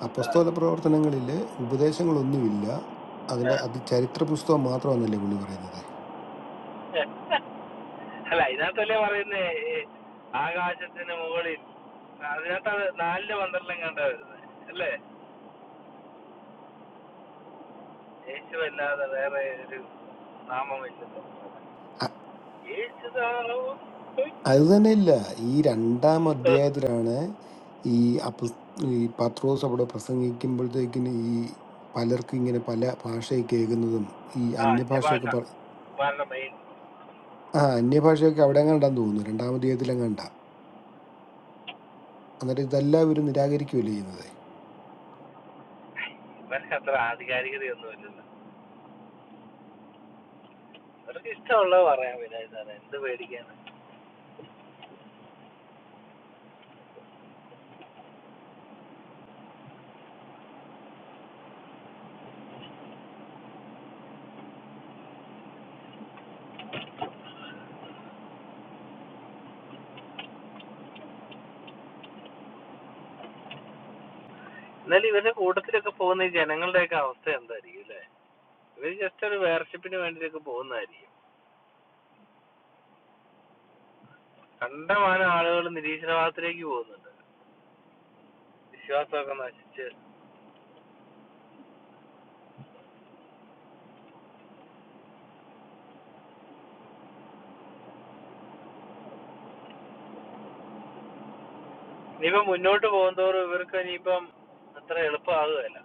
അപ്പസ്തോല പ്രവർത്തനങ്ങളിലെ ഉപദേശങ്ങളൊന്നുമില്ല അതിൻ്റെ ആ. അത് ചരിത്ര പുസ്തകം മാത്രമാണെന്നല്ലേ പുള്ളി പറയുന്നത് ആ. അല്ല ഇതിനകത്തല്ലേ പറയുന്നേ ഈ ആകാശത്തിന് മുകളിൽ അതിനകത്താണ് നാലില് പന്ത്രണ്ടിലും കണ്ട വരുന്നത് അല്ലേ യേശു അല്ലാതെ വേറെ ഒരു നാമമില്ലല്ലോ അ- യേശു അത് തന്നെയില്ല ഈ രണ്ടാം അധ്യായത്തിലാണ് ഈ അപ്പ ഈ പത്രോസ് അവിടെ പ്രസംഗിക്കുമ്പോഴത്തേക്കിന് ഈ പലർക്കും ഇങ്ങനെ പല ഭാഷയിൽ കേൾക്കുന്നതും ഈ ആ ജപാഷ അന്യഭാഷയൊക്കെ പറ ഇവരുടെ മെയിൻ ആ അന്യഭാഷയൊക്കെ അവിടെ എങ്ങാണ്ടാന്ന് തോന്നുന്നു രണ്ടാം അധ്യായത്തിലെങ്ങാണ്ട എന്നിട്ട് ഇതെല്ലാം ഇവർ നിരാകരിക്കുകയല്ലേ ചെയ്യുന്നത് ഇവർക്ക് അത്ര ആധികാരികതയൊന്നുമില്ലല്ലോ ഇവർക്ക് ഇഷ്ടമുള്ളത് പറയാൻ പിന്നെ എന്താണ് എന്ത് പേടിക്കാണ് എന്നാലും ഇവരുടെ കൂട്ടത്തിലൊക്കെ പോകുന്ന ഈ ജനങ്ങളുടെയൊക്കെ അവസ്ഥ എന്തായിരിക്കും അല്ലേ ഇവർ ജസ്റ്റ് ഒരു വേർഷിപ്പിന് വേണ്ടിയൊക്കെ പോകുന്നതായിരിക്കും കണ്ടമാനം ആളുകൾ നിരീശ്വരവാദത്തിലേക്ക് പോകുന്നുണ്ട് വിശ്വാസമൊക്കെ നശിച്ച് ഇനിയിപ്പം മുന്നോട്ട് പോകുന്തോറും ഇവർക്ക് ഇനിയിപ്പം അത്ര എളുപ്പമാകുകയല്ല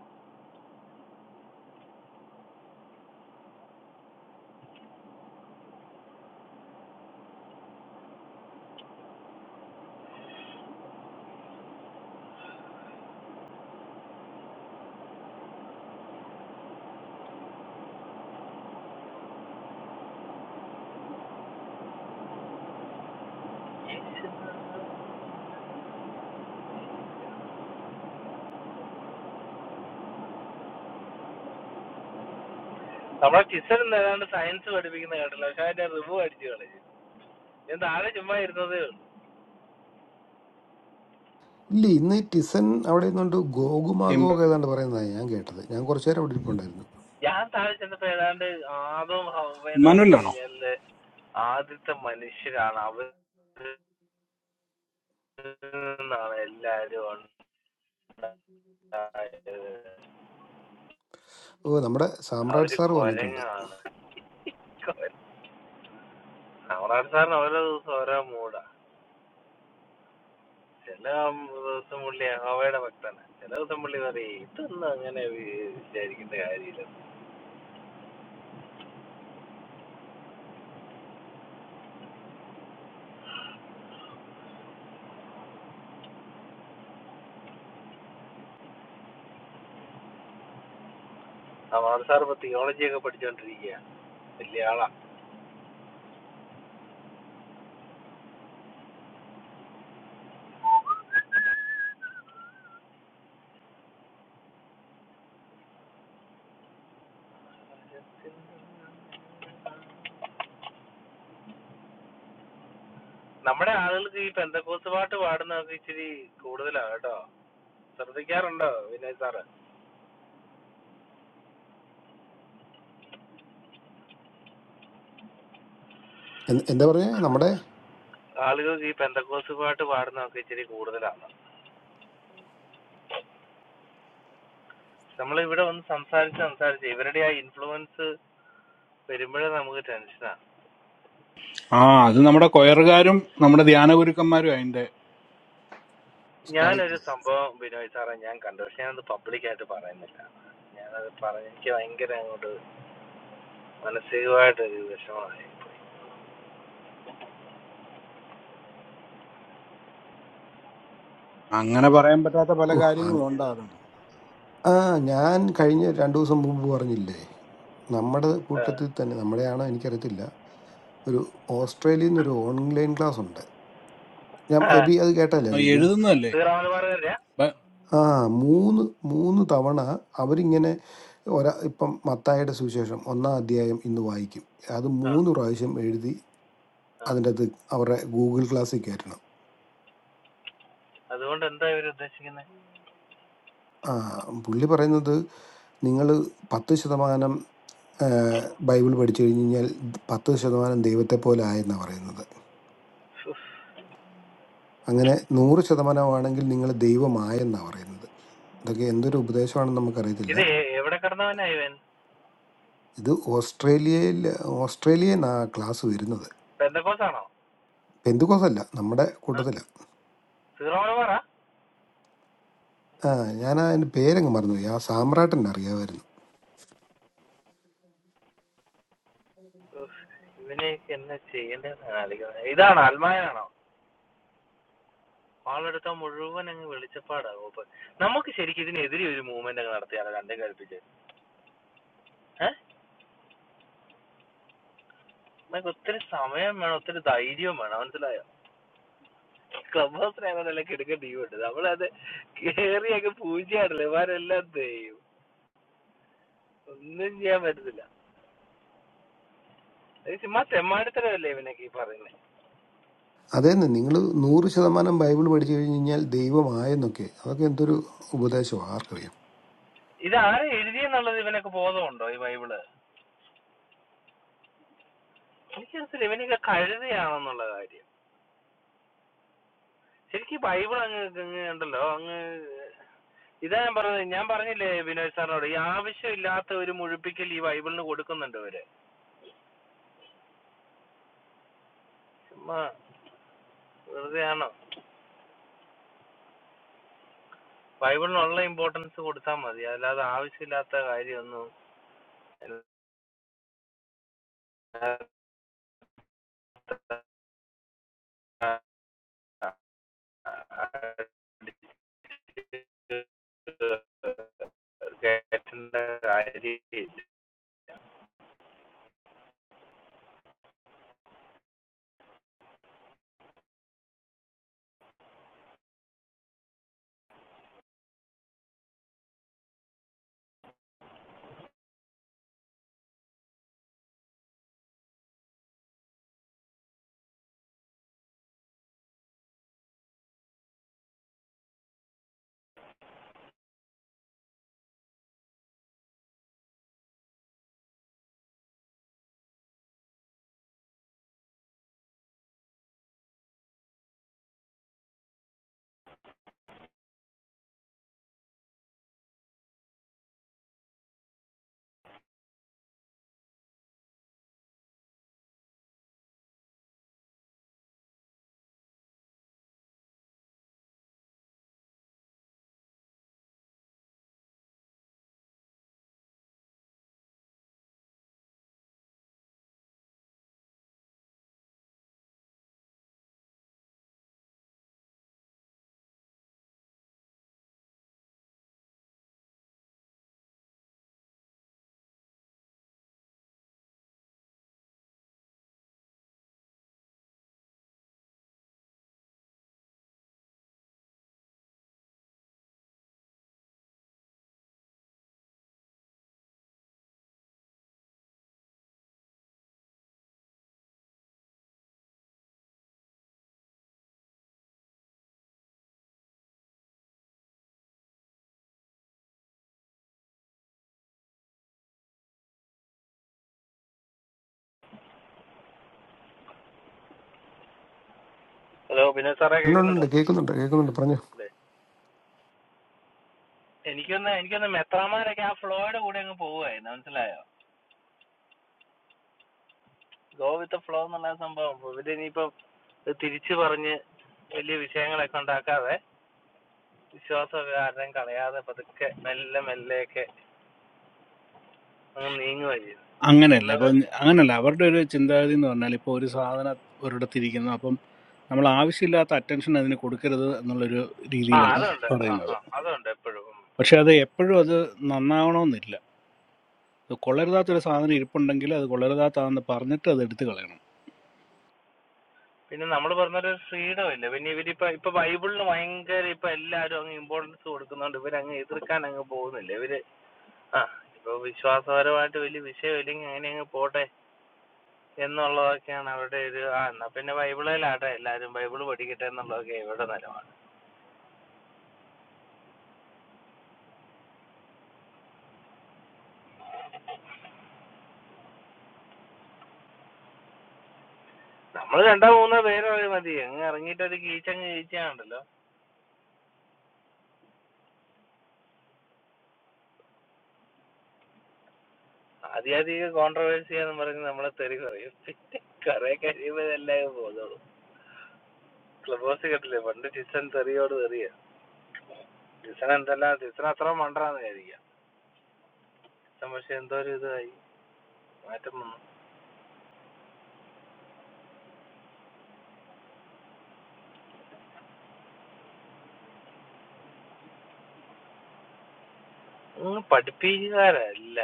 നമ്മളെ ടിച്ചറിൽ ഏതാണ്ട് സയൻസ് പഠിപ്പിക്കുന്ന കേട്ടല്ലോ പക്ഷെ അതിന്റെ റിവ്യൂ അടിച്ചു കളഞ്ഞു ഞാൻ താഴെ ചുമ്മാ ഇരുന്നതേ ഉള്ളൂ ഇല്ല ഇന്ന് ടിസൻ അവിടെ നിന്നുകൊണ്ട് ഗോകുമാഗോഗ് ഏതാണ്ട് പറയുന്നതായി ഞാൻ കേട്ടത് ഞാൻ കുറച്ചു നേരം അവിടെ ഇരിപ്പുണ്ടായിരുന്നു ഞാൻ താഴെ ചെന്നപ്പോ ഏതാണ്ട് ആദവും ഹവ എന്ന് പറഞ്ഞു ഇമ്മാനുവലാണോ കഴിഞ്ഞാല് ആദ്യത്തെ മനുഷ്യരാണ് അവർ നിന്നാണ് എല്ലാരും ഉണ്ടായത് ഓ നമ്മുടെ സാമ്രാട്ട് അവര് സാർ വന്നിട്ടുണ്ട് കൊരങ്ങാണ് കൊര- സാമ്രാട്ട് സാറിന് ഓരോ ദിവസം ഓരോ മൂടാ ചില ദിവസം പുള്ളി യഹോവയുടെ ഭക്തനാ ചില ദിവസം പുള്ളി പറയും ഇതൊന്നും അങ്ങനെ വി- വിചാരിക്കേണ്ട കാര്യമില്ല അമാർ സാർ ഇപ്പൊ തിയോളജി ഒക്കെ പഠിച്ചോണ്ടിരിക്കുക വലിയ ആളാ നമ്മുടെ ആളുകൾക്ക് ഈ പെന്തക്കോസ് പാട്ട് പാടുന്നതൊക്കെ ഇച്ചിരി കൂടുതലാ കേട്ടോ ശ്രദ്ധിക്കാറുണ്ടോ വിനയ് സാറ് എന്ത് എന്താ പറഞ്ഞേ നമ്മുടെ ആളുകൾക്ക് ഈ പെന്തക്കോസ് പാട്ട് പാടുന്നതൊക്കെ ഇച്ചിരി കൂടുതലാണ് നമ്മൾ ഇവിടെ ഒന്ന് സംസാരിച്ച് സംസാരിച്ച് ഇവരുടെ ആ ഇൻഫ്ലുവൻസ് വരുമ്പോഴേ നമുക്ക് ടെൻഷനാ ആ അത് നമ്മുടെ കൊയറുകാരും നമ്മുടെ ധ്യാന ഗുരുക്കന്മാരും അതിന്റെ ഉസ്താദ് ഞാനൊരു സംഭവം ബിനോയ് സാറേ ഞാൻ കണ്ടു പക്ഷെ ഞാനത് പബ്ലിക് ആയിട്ട് പറയുന്നില്ല ഞാനത് പറഞ്ഞ എനിക്ക് ഭയങ്കര അങ്ങോട്ട് മാനസികമായിട്ട് ഒരു വിഷമമായി അങ്ങനെ പറയാൻ പറ്റാത്ത പല ഓ കാര്യങ്ങളും അങ്- ഇത്, ഉണ്ടാകുന്നു ആ ഞാൻ കഴിഞ്ഞ രണ്ടു ദിവസം മുമ്പ് പറഞ്ഞില്ലേ നമ്മുടെ ആ, കൂട്ടത്തിൽ തന്നെ നമ്മുടെയാണോ എനിക്കറിയത്തില്ല ഒരു ഓസ്ട്രേലിയയിൽ നിന്ന് ഒരു ഓൺലൈൻ ക്ലാസ് ഉണ്ട് ഞാൻ ആ, എബി അത് കേട്ടല്ലായിരുന്നു ബി എഴുതുന്നതല്ലേ സീറോ മലബാർ വരെയാ? ഇപ്പൊ ആ മൂന്ന് മൂന്ന് തവണ അവരിങ്ങനെ ഒരാ ഇപ്പം മത്തായുടെ സുവിശേഷം ഒന്നാം അധ്യായം ഇന്ന് വായിക്കും അത് ആ മൂന്ന് പ്രാവശ്യം എഴുതി ആ. അതിൻ്റെ അത് അവരുടെ ഗൂഗിൾ ക്ലാസ്സിൽ കയറ്റണം അതുകൊണ്ട് എന്താ ഇവർ ഉദ്ദേശിക്കുന്നത് ആ, പുള്ളി പറയുന്നത് നിങ്ങൾ പത്ത് ശതമാനം ആ, ബൈബിൾ പഠിച്ചു കഴിഞ്ഞ് കഴിഞ്ഞാൽ പത്ത് ശതമാനം ദൈവത്തെ പോലെ ആയെന്നാണ് പറയുന്നത് അങ്ങനെ നൂറ് ശതമാനമാണെങ്കിൽ നിങ്ങൾ ദൈവമായെന്നാണ് പറയുന്നത് ഇതൊക്കെ എന്തൊരു ഉപദേശമാണെന്ന് നമുക്കറിയത്തില്ല ഇത് എ- എവിടെ കിടന്നവനാ ഇവൻ ഇത് ഓസ്ട്രേലിയയിൽ ഓസ്ട്രേലിയയിൽ നിന്നാ ക്ലാസ് വരുന്നത് ബന്ധക്കോസാണോ പെന്തുകോസല്ല നമ്മുടെ കൂട്ടത്തിലാണ് സീറോ മലബാറാ ആ ഞാൻ അതിൻ്റെ പേരങ്ങ് മറന്നുപോയി ആ സാമ്രാട്ടൻ അറിയാമായിരുന്നു ഉഫ്. ഇവനെ എന്നാ ചെയ്യേണ്ടതെന്ന് ആലോചിക്കുന്നത് ഇതാണോ അൽമായനാണോ ആളെടുത്ത മുഴുവൻ അങ്ങ് വെളിച്ചപ്പാടാകും അപ്പൊ നമുക്ക് ശരിക്കും ഇതിനെതിരെ ഒരു മൂവ്മെന്റ് അങ്ങ് നടത്തിയാലോ രണ്ടും കൽപ്പിച്ച് ഏഹ് നമുക്ക് ഒത്തിരി സമയം വേണം ഒത്തിരി ധൈര്യവും വേണം മനസ്സിലായോ ക്ലബ് ഹൗസിലാണെന്നല്ല കിടക്ക ടീമുണ്ട് നമ്മളത് കേറിയൊക്കെ പൂജയാണല്ലോ ഇവരെല്ലാം ചെയ്യും ഒന്നും ചെയ്യാൻ പറ്റത്തില്ല ഇത് ചുമ്മാ തെമ്മാടിത്തരമല്ലേ ഇവനൊക്കെ ഈ പറയുന്നത് അതേന്ന് നിങ്ങൾ നൂറ് ശതമാനം ബൈബിൾ പഠിച്ചു കഴിഞ്ഞ് കഴിഞ്ഞാൽ ദൈവമായെന്നൊക്കെ അതൊക്കെ എന്തൊരു ഉപദേശമാണ് ആർക്കറിയാം ഇത് ആരെ എഴുതിയെന്നുള്ളത് ഇവനൊക്കെ ബോധമുണ്ടോ ഈ ബൈബിള് എനിക്ക് മനസ്സിലായി ഇവനൊക്കെ കഴുതയാണെന്നുള്ള കാര്യം ശരിക്കും ഈ ബൈബിൾ അങ്ങ് അങ്ങ് ഉണ്ടല്ലോ അങ്ങ് ഇതാ ഞാൻ പറഞ്ഞത് ഞാൻ പറഞ്ഞില്ലേ ബിനോയ് സാറിനോട് ഈ ആവശ്യമില്ലാത്ത ഒരു മുഴുപ്പിക്കൽ ഈ ബൈബിളിന് കൊടുക്കുന്നുണ്ട് ഇവര് ചുമ്മാ വെറുതെ ആണോ ബൈബിളിനുള്ള ഇമ്പോർട്ടൻസ് കൊടുത്താൽ മതി അല്ലാതെ ആവശ്യമില്ലാത്ത കാര്യമൊന്നും കേൾക്കേണ്ട കാര്യമില്ല. ഹലോ പിന്നെ സാറേ കേൾക്കുന്നുണ്ടോ ഉണ്ടുണ്ടുണ്ട് കേൾക്കുന്നുണ്ട് കേൾക്കുന്നുണ്ട് പറഞ്ഞു അല്ലേ എനിക്കൊന്ന് എനിക്കൊന്ന് മെത്രാമാരൊക്കെ ആ ഫ്ലോയുടെ കൂടെ അങ്ങ് പോവുമായിരുന്നു മനസ്സിലായോ ഗോ വിത്ത് ഫ്ലോ എന്നുള്ള ആ സംഭവം ഇവരിനിയിപ്പം ഇത് തിരിച്ചു പറഞ്ഞ് വലിയ വിഷയങ്ങളൊക്കെ ഉണ്ടാക്കാതെ വിശ്വാസമൊക്കെ ആരുടെയും കളയാതെ പതുക്കെ മെല്ലെ മെല്ലെയൊക്കെ അങ്ങ് നീങ്ങുക ചെയ്യുന്നത് അങ്ങനെയല്ല ഇപ്പൊ ഇന്ന് അങ്ങനല്ല അവരുടെ ഒരു ചിന്താഗതി എന്ന് പറഞ്ഞാൽ ഇപ്പൊ ഒരു സാധനം ഒരിടത്തിരിക്കുന്നു അപ്പം നമ്മൾ ആവശ്യമില്ലാത്ത അറ്റൻഷൻ അതിന് കൊടുക്കരുത് എന്നുള്ളൊരു ആ രീതിയിലാണ് അതുണ്ട് ആ പറയുന്നത് ആ അതുണ്ട് എപ്പോഴും ഉം. പക്ഷെ അത് എപ്പോഴും അത് നന്നാവണമെന്നില്ല അത് കൊള്ളരുതാത്തൊരു സാധനം ഇരിപ്പുണ്ടെങ്കിൽ അത് കൊള്ളരുതാത്താന്ന് പറഞ്ഞിട്ട് അത് എടുത്തു കളയണം പിന്നെ നമ്മൾ പറഞ്ഞൊരു ഫ്രീഡം ഇല്ല പിന്നെ ഇവരിപ്പോ ഇപ്പൊ ബൈബിളിന് ഭയങ്കര ഇപ്പൊ എല്ലാരും അങ്ങ് ഇമ്പോർട്ടൻസ് കൊടുക്കുന്നോണ്ട് ഇവരങ്ങ് എതിർക്കാൻ അങ്ങ് പോകുന്നില്ല ഇവര് ആ ഇപ്പൊ വിശ്വാസപരമായിട്ട് വലിയ വിഷയമില്ലെങ്കിൽ അങ്ങനെ അങ്ങ് പോട്ടെ എന്നുള്ളതൊക്കെയാണ് അവരുടെ ഒരു ആ എന്നാ പിന്നെ ബൈബിളിലാട്ടെ എല്ലാരും ബൈബിള് പഠിക്കട്ടെ എന്നുള്ളതൊക്കെ ഇവരുടെ നിലപാട് നമ്മൾ രണ്ടോ മൂന്നോ പേരോ മതി അങ്ങ് ഇറങ്ങിയിട്ട് ഒരു കീച്ചങ്ങ് കീച്ചാണല്ലോ ആദ്യാധിക കോൺട്രവേഴ്സി എന്ന് പറഞ്ഞ് നമ്മളെ തെറി പറയും പിന്നെ കുറെ കഴിയുമ്പോൾ ഇതെല്ലാം അങ്ങ് പോകുന്നുള്ളൂ ക്ലബ് ഹൗസ് കേട്ടില്ലേ പണ്ട് ടിസൻ തെറിയോട് തെറിയ ടിസൻ എന്തെല്ലാം ടിസൻ അത്ര മണ്ടറാന്ന് വിചാരിക്കാം ടിസൻ പക്ഷെ എന്തോ ഒരു ഇതായി മാറ്റം വന്നു ഒന്ന് പഠിപ്പിക്കാരല്ല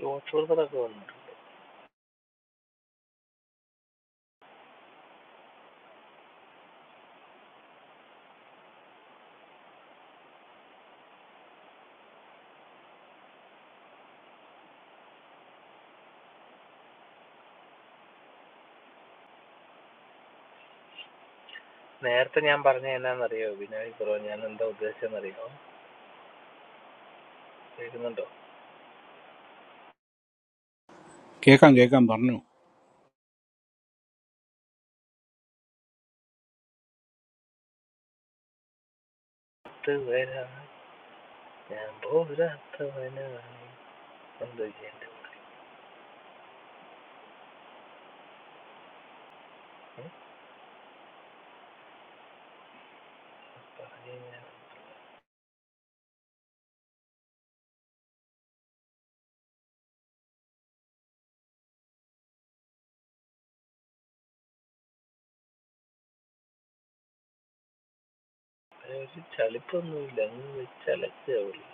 ഈ ഓട്ടോസറൊക്കെ വന്നു നേരത്തെ ഞാൻ പറഞ്ഞ എന്നാന്നറിയോ ബിനോയ് കുറവ് ഞാൻ എന്താ ഉദ്ദേശിച്ചെന്നറിയോ കേൾക്കുന്നുണ്ടോ കേൾക്കാം കേൾക്കാം പറഞ്ഞു പത്ത് പേരാ ഞാൻ പോരാത്തവനായി എന്തോ ചെയ്യണ്ട പുള്ളി പറഞ്ഞു ഞാൻ ഒരു ചളിപ്പൊന്നുമില്ല അങ്ങ് വെച്ചലക്കുക പുള്ളി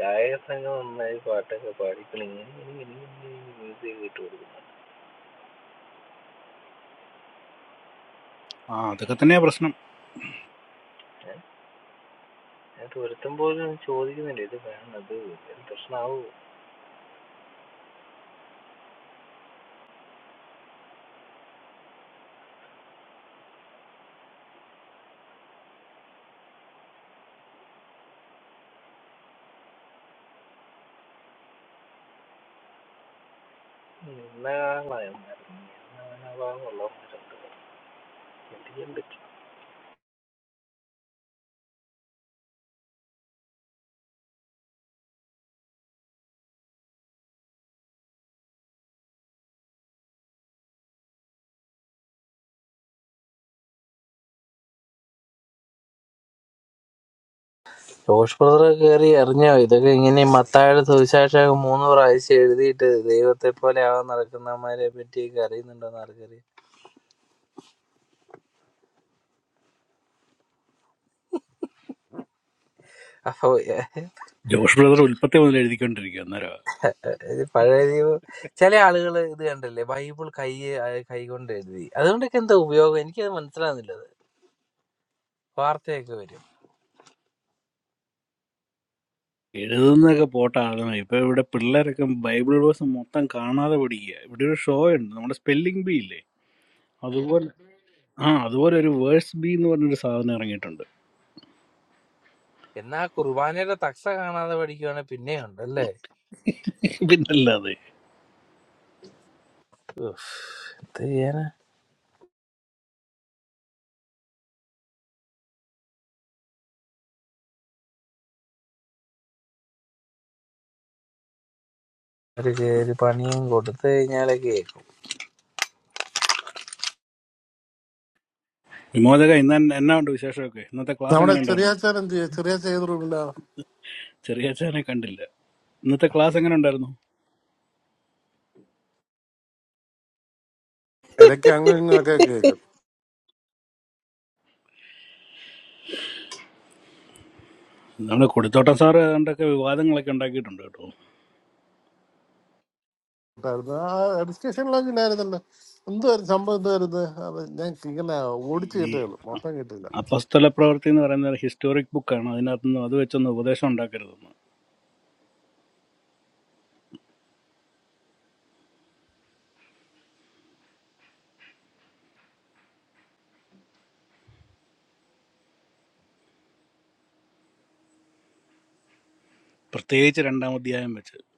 ഗായക സംഘം നന്നായി പാട്ടൊക്കെ പാടി ഇങ്ങനെ ഇങ്ങനെ ഇങ്ങനെ ഇങ്ങനെ മ്യൂസിക് ഇട്ട് കൊടുക്കുന്നുണ്ട് ആ അതൊക്കെ തന്നെയാ പ്രശ്നം ഞാൻ ഞാൻ തുരത്തും പോലും ചോദിക്കുന്നില്ല ഇത് വേണം അത് എന്തെങ്കിലും പ്രശ്നമാവോ ഇന്ന ആളായോ ജോഷ് ബ്രദർ കയറി എറിഞ്ഞോ ഇതൊക്കെ ഇങ്ങനെ ഈ മത്തായുടെ സുവിശേഷം മൂന്ന് പ്രാവശ്യം എഴുതിയിട്ട് ദൈവത്തെ പോലെ ആവാൻ നടക്കുന്നവന്മാരെ പറ്റിയൊക്കെ അറിയുന്നുണ്ടോന്ന് ആർക്കറിയാം അപ്പൊ ഏഹ്, ജോഷ് ബ്രദർ ഉൽപ്പത്തി മുതൽ എഴുതിക്കൊണ്ടിരിക്കുക ഇത് പഴയ ദൈവം ചില ആളുകൾ ഇത് കണ്ടല്ലേ ബൈബിൾ കൈ കൈ കൊണ്ട് എഴുതി അതുകൊണ്ടൊക്കെ എന്താ ഉപയോഗം എനിക്കത് മനസ്സിലാകുന്നില്ല അത് വാർത്തയൊക്കെ വരും എഴുതുന്നതൊക്കെ പോട്ടാണ് ഇപ്പൊ ഇവിടെ പിള്ളേരൊക്കെ ബൈബിൾ വേഴ്സ് മൊത്തം കാണാതെ പഠിക്കുക ഇവിടെ ഒരു ഷോ ഉണ്ട് നമ്മുടെ സ്പെല്ലിംഗ് ബി ഇല്ലേ അതുപോലെ ആ അതുപോലെ ഒരു വേഴ്സ് ബി എന്ന് പറഞ്ഞൊരു സാധനം ഇറങ്ങിയിട്ടുണ്ട് എന്നാ കുർബാനയുടെ തക്സ കാണാതെ പഠിക്കുവാണെങ്കിൽ പിന്നെ ഉണ്ട് പിന്നല്ലാതെ ഉഫ്, എന്ത് ചെയ്യാനാ ഒരു ഒരു പണിയും കൊടുത്തു കഴിഞ്ഞാലേ കേൾക്കും വിമോചക ഇന്ന് എന്ന- എന്നാ ഉണ്ട് വിശേഷമൊക്കെ ഇന്നത്തെ ക്ലാസ് നമ്മുടെ എങ്ങനെ ഉണ്ടായിരുന്നു ചെറിയാച്ചാൻ എന്ത് ചെയ്യും ചെറിയാച്ച ഏത് റൂമില്ല ചെറിയ അച്ഛനെ കണ്ടില്ല ഇന്നത്തെ ക്ലാസ് എങ്ങനെ ഉണ്ടായിരുന്നു ഇടയ്ക്ക് അങ്ങും ഇങ്ങും ഒക്കെ കേൾക്കും നമ്മുടെ കൊടുത്തോട്ടം സാറ് ഏതാണ്ടൊക്കെ വിവാദങ്ങളൊക്കെ ഉണ്ടാക്കിയിട്ടുണ്ട് കേട്ടോ ഉണ്ടായിരുന്നു. ആ ഡിസ്കഷനിലൊക്കെ ഉണ്ടായിരുന്നല്ലോ എന്തുവായിരുന്നു സംഭവം എന്തുവായിരുന്നു അത് ഞാൻ ഇങ്ങനെ ഓടിച്ചു ഈ കേട്ടേയുള്ളൂ മൊത്തം കേട്ടില്ല അപ്പസ്തല പ്രവൃത്തി എന്ന് പറയുന്ന ഒരു ഹിസ്റ്റോറിക് ബുക്കാണ് അതിനകത്തുനിന്ന് അത് വെച്ചൊന്ന് ഉപദേശം ഉണ്ടാക്കരുതെന്ന് പ്രത്യേകിച്ച് രണ്ടാം അധ്യായം വെച്ച്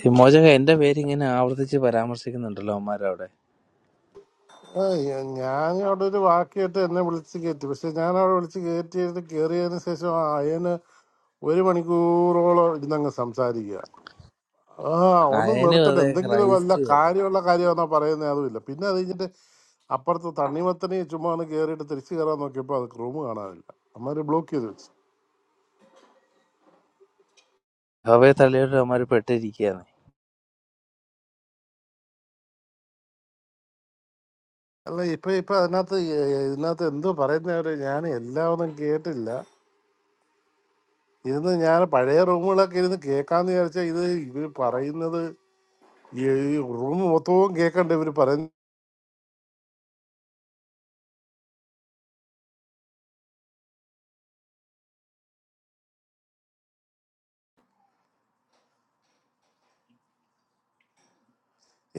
ഈ മോചക എന്റെ പേര് ഇങ്ങനെ ആവർത്തിച്ച് പരാമർശിക്കുന്നുണ്ടല്ലോ അവന്മാരവിടെ ആ, ഞ- ഞാൻ അവിടെ ഒരു വാക്ക് കേട്ട് എന്നെ വിളിച്ച് കയറ്റി പക്ഷെ ഞാൻ അവിടെ വിളിച്ച് കയറ്റിയത് കയറിയതിന് ശേഷം ആ അയന് ഒരു മണിക്കൂറോളം ഇരുന്നങ്ങ് സംസാരിക്കുക ആ ഒന്ന് അയനും നിർത്തട്ടെ അതെ എന്തെങ്കിലും വല്ല ക്രൈസ്റ്റും അതെ കാര്യമുള്ള കാര്യമാണോ പറയുന്നത് അതുമില്ല പിന്നെ അത് കഴിഞ്ഞിട്ട് അപ്പുറത്ത് തണ്ണിമത്തനെ ചുമ്മാ ഒന്ന് കയറിയിട്ട് തിരിച്ചു കയറാൻ നോക്കിയപ്പോൾ അത് റൂം കാണാനില്ല അമ്മര് ബ്ലോക്ക് ചെയ്ത് വെച്ചു അവയെ തള്ളിയിട്ട് അവന്മാര് പെട്ടിരിക്കുകയാണ് അല്ല ഇപ്പൊ ഇപ്പൊ അതിനകത്ത് ഏ- ഇതിനകത്ത് എന്തോ പറയുന്നവര് ഞാൻ എല്ലാം ഒന്നും കേട്ടില്ല ഇരുന്ന് ഞാൻ പഴയ റൂമുകളൊക്കെ ഇരുന്ന് കേൾക്കാന്ന് വിചാരിച്ചാൽ ഇത് ഇവര് പറയുന്നത് ഈ റൂം മൊത്തവും കേൾക്കണ്ട ഇവര് പറയുന്നത്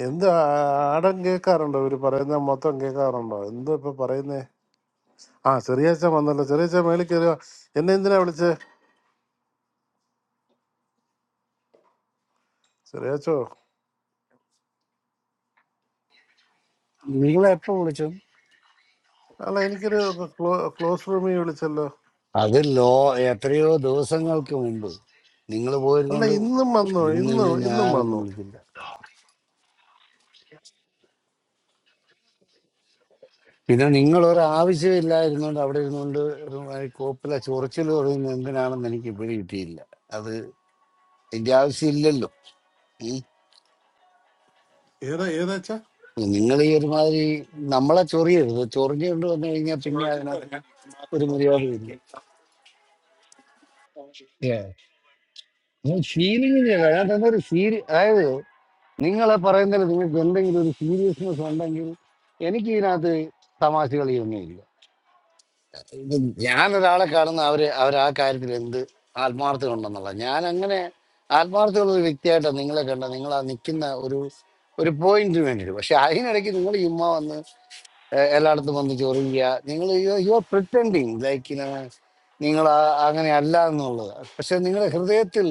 എന്ത് ആ- ആടം കേൾക്കാറുണ്ടോ ഇവര് പറയുന്നത് മൊത്തം കേൾക്കാറുണ്ടോ എന്തോ ഇപ്പൊ പറയുന്നേ ആ ചെറിയാച്ച വന്നല്ലോ ചെറിയാച്ച മേളിൽ കയറുക എന്നെ എന്തിനാ വിളിച്ചേ ചെറിയാച്ചോ നിങ്ങൾ എപ്പോ വിളിച്ചു അല്ല എനിക്കൊരു ക്ലോ ക്ലോസ് റൂമിൽ വിളിച്ചല്ലോ അത് ലോ എത്രയോ ദിവസങ്ങൾക്ക് മുമ്പ് നിങ്ങൾ അല്ല പോയിരുന്നോണ്ട് ഇന്നും വന്നു ഇന്ന് ഇന്നും ഇനി ഇന്നും ഞാനൊന്നും വന്നു വിളിക്കില്ല പിന്നെ നിങ്ങൾ ഒരു ആവശ്യമില്ലായിരുന്നോണ്ട് അവിടെ ഇരുന്നുകൊണ്ട് കോപ്പില ചൊറിച്ചിൽ പറയുന്നത് എന്തിനാണെന്ന് എനിക്ക് ഇപ്പോഴും കിട്ടിയില്ല അത് എന്റെ ആവശ്യമില്ലല്ലോ ഉം. ഏതാ ഏതാച്ചാ നിങ്ങൾ ഈ ഒരുമാതിരി നമ്മളെ ചൊറിയരുത് ചൊറിഞ്ഞുകൊണ്ട് വന്നു കഴിഞ്ഞാൽ പിന്നെ അതിനകത്ത് ഒരു മര്യാദയില്ല Yeah. ഫീലിംഗിന് വേണ്ട ഒരു ഫീൽ അതായത് നിങ്ങളെ പറയുന്നതിൽ നിങ്ങൾക്ക് എന്തെങ്കിലും ഒരു സീരിയസ്നെസ് ഉണ്ടെങ്കിൽ എനിക്ക് ഇതിനകത്ത് തമാശ കളിയൊന്നുമില്ല ഞാനൊരാളെ കാണുന്ന അവര് അവർ ആ കാര്യത്തിൽ എന്ത് ആത്മാർത്ഥത ഉണ്ടെന്നുള്ള ഞാൻ അങ്ങനെ ആത്മാർത്ഥമുള്ള ഒരു വ്യക്തിയായിട്ടാണ് നിങ്ങളെ കണ്ട നിങ്ങൾ ആ നിൽക്കുന്ന ഒരു ഒരു പോയിന്റിന് വേണ്ടിയിട്ട് പക്ഷെ അതിനിടയ്ക്ക് നിങ്ങൾ ഇമ്മ വന്ന് ഏഹ് എല്ലായിടത്തും വന്ന് ചൊറിയുക നിങ്ങൾ യു ആർ പ്രിറ്റൻഡിങ് ലൈക്ക് നിങ്ങൾ ആ- അങ്ങനെ അല്ല എന്നുള്ളത് പക്ഷെ നിങ്ങളുടെ ഹൃദയത്തിൽ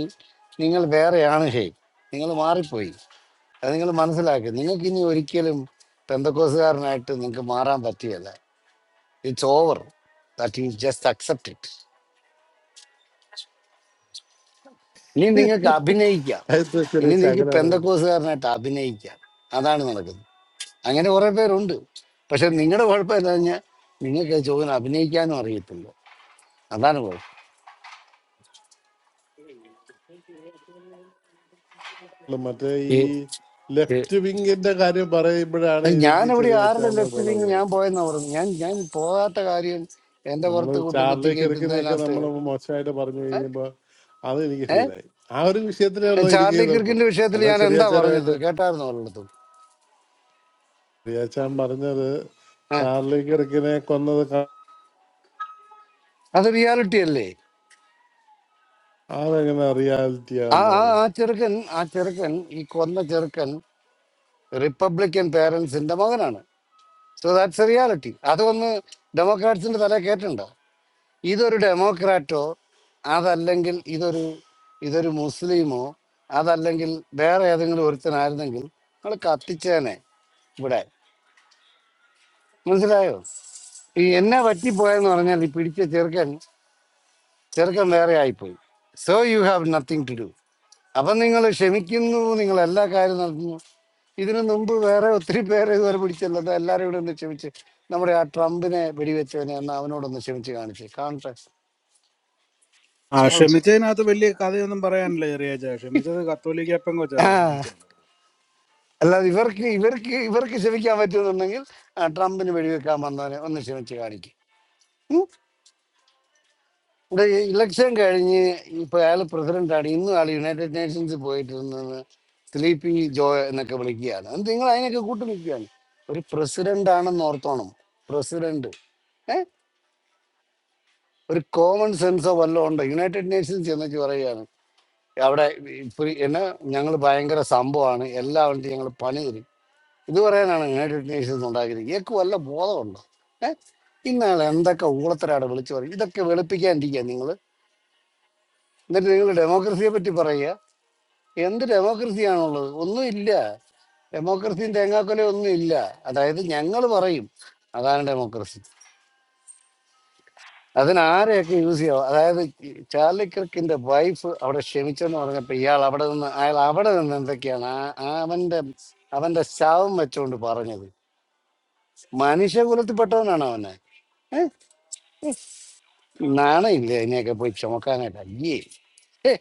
നിങ്ങൾ വേറെയാണ് ഷെയ് നിങ്ങൾ മാറിപ്പോയി അത് നിങ്ങൾ മനസ്സിലാക്കുക നിങ്ങൾക്ക് ഇനി ഒരിക്കലും പെന്തക്കോസുകാരനായിട്ട് നിങ്ങൾക്ക് മാറാൻ പറ്റുകയില്ല it's over that is just accept it ഇനി നിങ്ങൾക്ക് അഭിനയിക്കാം എന്താ ഇനി ചെറിയാച്ച നിങ്ങൾക്ക് അങ്ങനെ അറിയാം പെന്തക്കോസുകാരനായിട്ട് അഭിനയിക്കാം അതാണ് നടക്കുന്നത് അങ്ങനെ കുറെ പേരുണ്ട് പക്ഷെ നിങ്ങളുടെ കുഴപ്പം എന്താ കഴിഞ്ഞാൽ നിങ്ങൾക്ക് ചോദ്യം അഭിനയിക്കാനും അറിയത്തില്ല അതാണ് കുഴപ്പം അല്ല മറ്റേ ഈ ഈ ഈ ലെഫ്റ്റ് വിങ്ങിന്റെ കാര്യം പറയുമ്പോഴാണ് ഞാൻ എനിക്ക് ഇവിടെ ആരുടെ ചെറിയാച്ചാന്നുള്ളത് ലെഫ്റ്റിലേക്ക് ഞാൻ വരുന്നത് പോയെന്നാ പറഞ്ഞു ഞാൻ ഞാൻ പോകാത്ത കാര്യം എന്റെ നമ്മൾ പുറത്ത് കൊണ്ട് കുത്തി ചാർലി കിറുക്കിനെയൊക്കെ കയറ്റുന്നതിനകത്ത് നമ്മൾ മോശമായിട്ട് പറഞ്ഞു കഴിയുമ്പോൾ അത് എനിക്ക് ഏഹ് ഫീലായി ആ ഒരു വിഷയത്തിലേ ഉള്ളൂ എനിക്ക് ചാർലി എതിർപ്പ് കിർക്കിന്റെ വിഷയത്തിൽ അല്ല ഞാൻ എന്താ ചെറിയ പറഞ്ഞത് കേട്ടായിരുന്നു അവരുടെ അടുത്ത് റിയാച്ചാൻ പറഞ്ഞത് ഏഹ് ചാർലി കിറക്കിനെ കൊന്നത് ക- അത് റിയാലിറ്റി അല്ലേ അതെങ്ങനെ റിയാലിറ്റി ആ ആ ആവുന്നത് ആ ചെറുക്കൻ ആ ചെറുക്കൻ ഈ കൊന്ന ചെറുക്കൻ റിപ്പബ്ലിക്കൻ പേരൻസിന്റെ മകനാണ് സോ ദാറ്റ്സ് എ റിയാലിറ്റി അതൊന്ന് ഡെമോക്രാറ്റ്സിന്റെ തല കേട്ടിട്ടുണ്ടോ ഇതൊരു ഡെമോക്രാറ്റോ അതല്ലെങ്കിൽ ഇതൊരു ഇതൊരു മുസ്ലിമോ അതല്ലെങ്കിൽ വേറെ ഏതെങ്കിലും ഒരുത്തനായിരുന്നെങ്കിൽ നമ്മൾ കത്തിച്ചേനെ ഇവിടെ മനസ്സിലായോ ഈ എന്നെ പറ്റിപ്പോയെന്ന് പറഞ്ഞാൽ ഈ പിടിച്ച ചെറുക്കൻ ചെറുക്കൻ വേറെ ആയിപ്പോയി so you have nothing to do അപ്പം നിങ്ങൾ ക്ഷമിക്കുന്നു നിങ്ങൾ എല്ലാ കാര്യവും നടത്തുന്നു ഇതിനു മുമ്പ് വേറെ ഒത്തിരി പേരെ ഇതുവരെ പിടിച്ചല്ലത് എല്ലാവരും ഇവിടെ ഒന്ന് ക്ഷമിച്ച് നമ്മുടെ ആ ട്രംപിനെ വെടിവെച്ചവനെ അന്ന് അവനോടൊന്ന് ക്ഷമിച്ച് കാണിച്ച് കാണട്ടെ ആ സോൾവ് ക്ഷമിച്ചതിനകത്ത് വലിയ കഥയൊന്നും പറയാനില്ല ചെറിയാച്ച ക്ഷമിച്ചത് കത്തോലിക്ക പെങ്കൊച്ചാ ആ, ക്ഷമിച്ചത് അല്ലാതെ ഇവർക്ക് ഇവർക്ക് ഇവർക്ക് ക്ഷമിക്കാൻ പറ്റുന്നുണ്ടെങ്കിൽ ആ ട്രംപിന് വെടിവെക്കാൻ വന്നവനെ ഒന്ന് ക്ഷമിച്ച് കാണിക്കും ഇവിടെ ഇലക്ഷൻ കഴിഞ്ഞ് ഇപ്പൊ അയാൾ പ്രസിഡന്റാണ് ഇന്നും ആൾ യുണൈറ്റഡ് നേഷൻസ് പോയിട്ടിരുന്നത് സ്ലീപ്പി ജോ എന്നൊക്കെ വിളിക്കുകയാണ് അത് നിങ്ങൾ അതിനൊക്കെ കൂട്ടു നിൽക്കുകയാണ് ഒരു പ്രസിഡന്റ് ആണെന്ന് ഓർത്തോണം പ്രസിഡന്റ് ഏഹ് ഒരു കോമൺ സെൻസോ വല്ലതും ഉണ്ടോ യുണൈറ്റഡ് നേഷൻസ് എന്നൊക്കെ പറയുകയാണ് അവിടെ ഇപ്പൊ എന്നാ ഞങ്ങൾ ഭയങ്കര സംഭവമാണ് എല്ലാവരും ഞങ്ങൾ പണി തരും ഇത് പറയാനാണ് യുണൈറ്റഡ് നേഷൻസ് ഉണ്ടാക്കിയത് ഇയാൾക്ക് വല്ല ബോധമുണ്ടോ ഏഹ് ഇന്നാൾ എന്തൊക്കെ ഊളത്തരാണ് വിളിച്ചു പറയും ഇതൊക്കെ വെളുപ്പിക്കാണ്ടിരിക്കുക നിങ്ങൾ എന്നിട്ട് നിങ്ങൾ ഡെമോക്രസിയെ പറ്റി പറയുക എന്ത് ഡെമോക്രസിയാണുള്ളത് ഒന്നുമില്ല ഡെമോക്രസിയും തേങ്ങാക്കൊലയും ഒന്നും ഇല്ല അതായത് ഞങ്ങൾ പറയും അതാണ് ഡെമോക്രസി അതിന് ആരെയൊക്കെ യൂസ് ചെയ്യാം അതായത് ഈ ചാർലി ക്രിക്കിന്റെ വൈഫ് അവിടെ ക്ഷമിച്ചെന്ന് പറഞ്ഞപ്പോ ഇയാൾ അവിടെ നിന്ന് അയാൾ അവിടെ നിന്ന് എന്തൊക്കെയാണ് ആ- ആ അവന്റെ അവന്റെ ശവം വെച്ചുകൊണ്ട് പറഞ്ഞത് മനുഷ്യകുലത്തിൽപ്പെട്ടവനാണ് അവനെ ഏഹ്? നാണയില്ലേ അതിനെയൊക്കെ പോയി ചുമക്കാനായിട്ട് അയ്യേ ഹേ,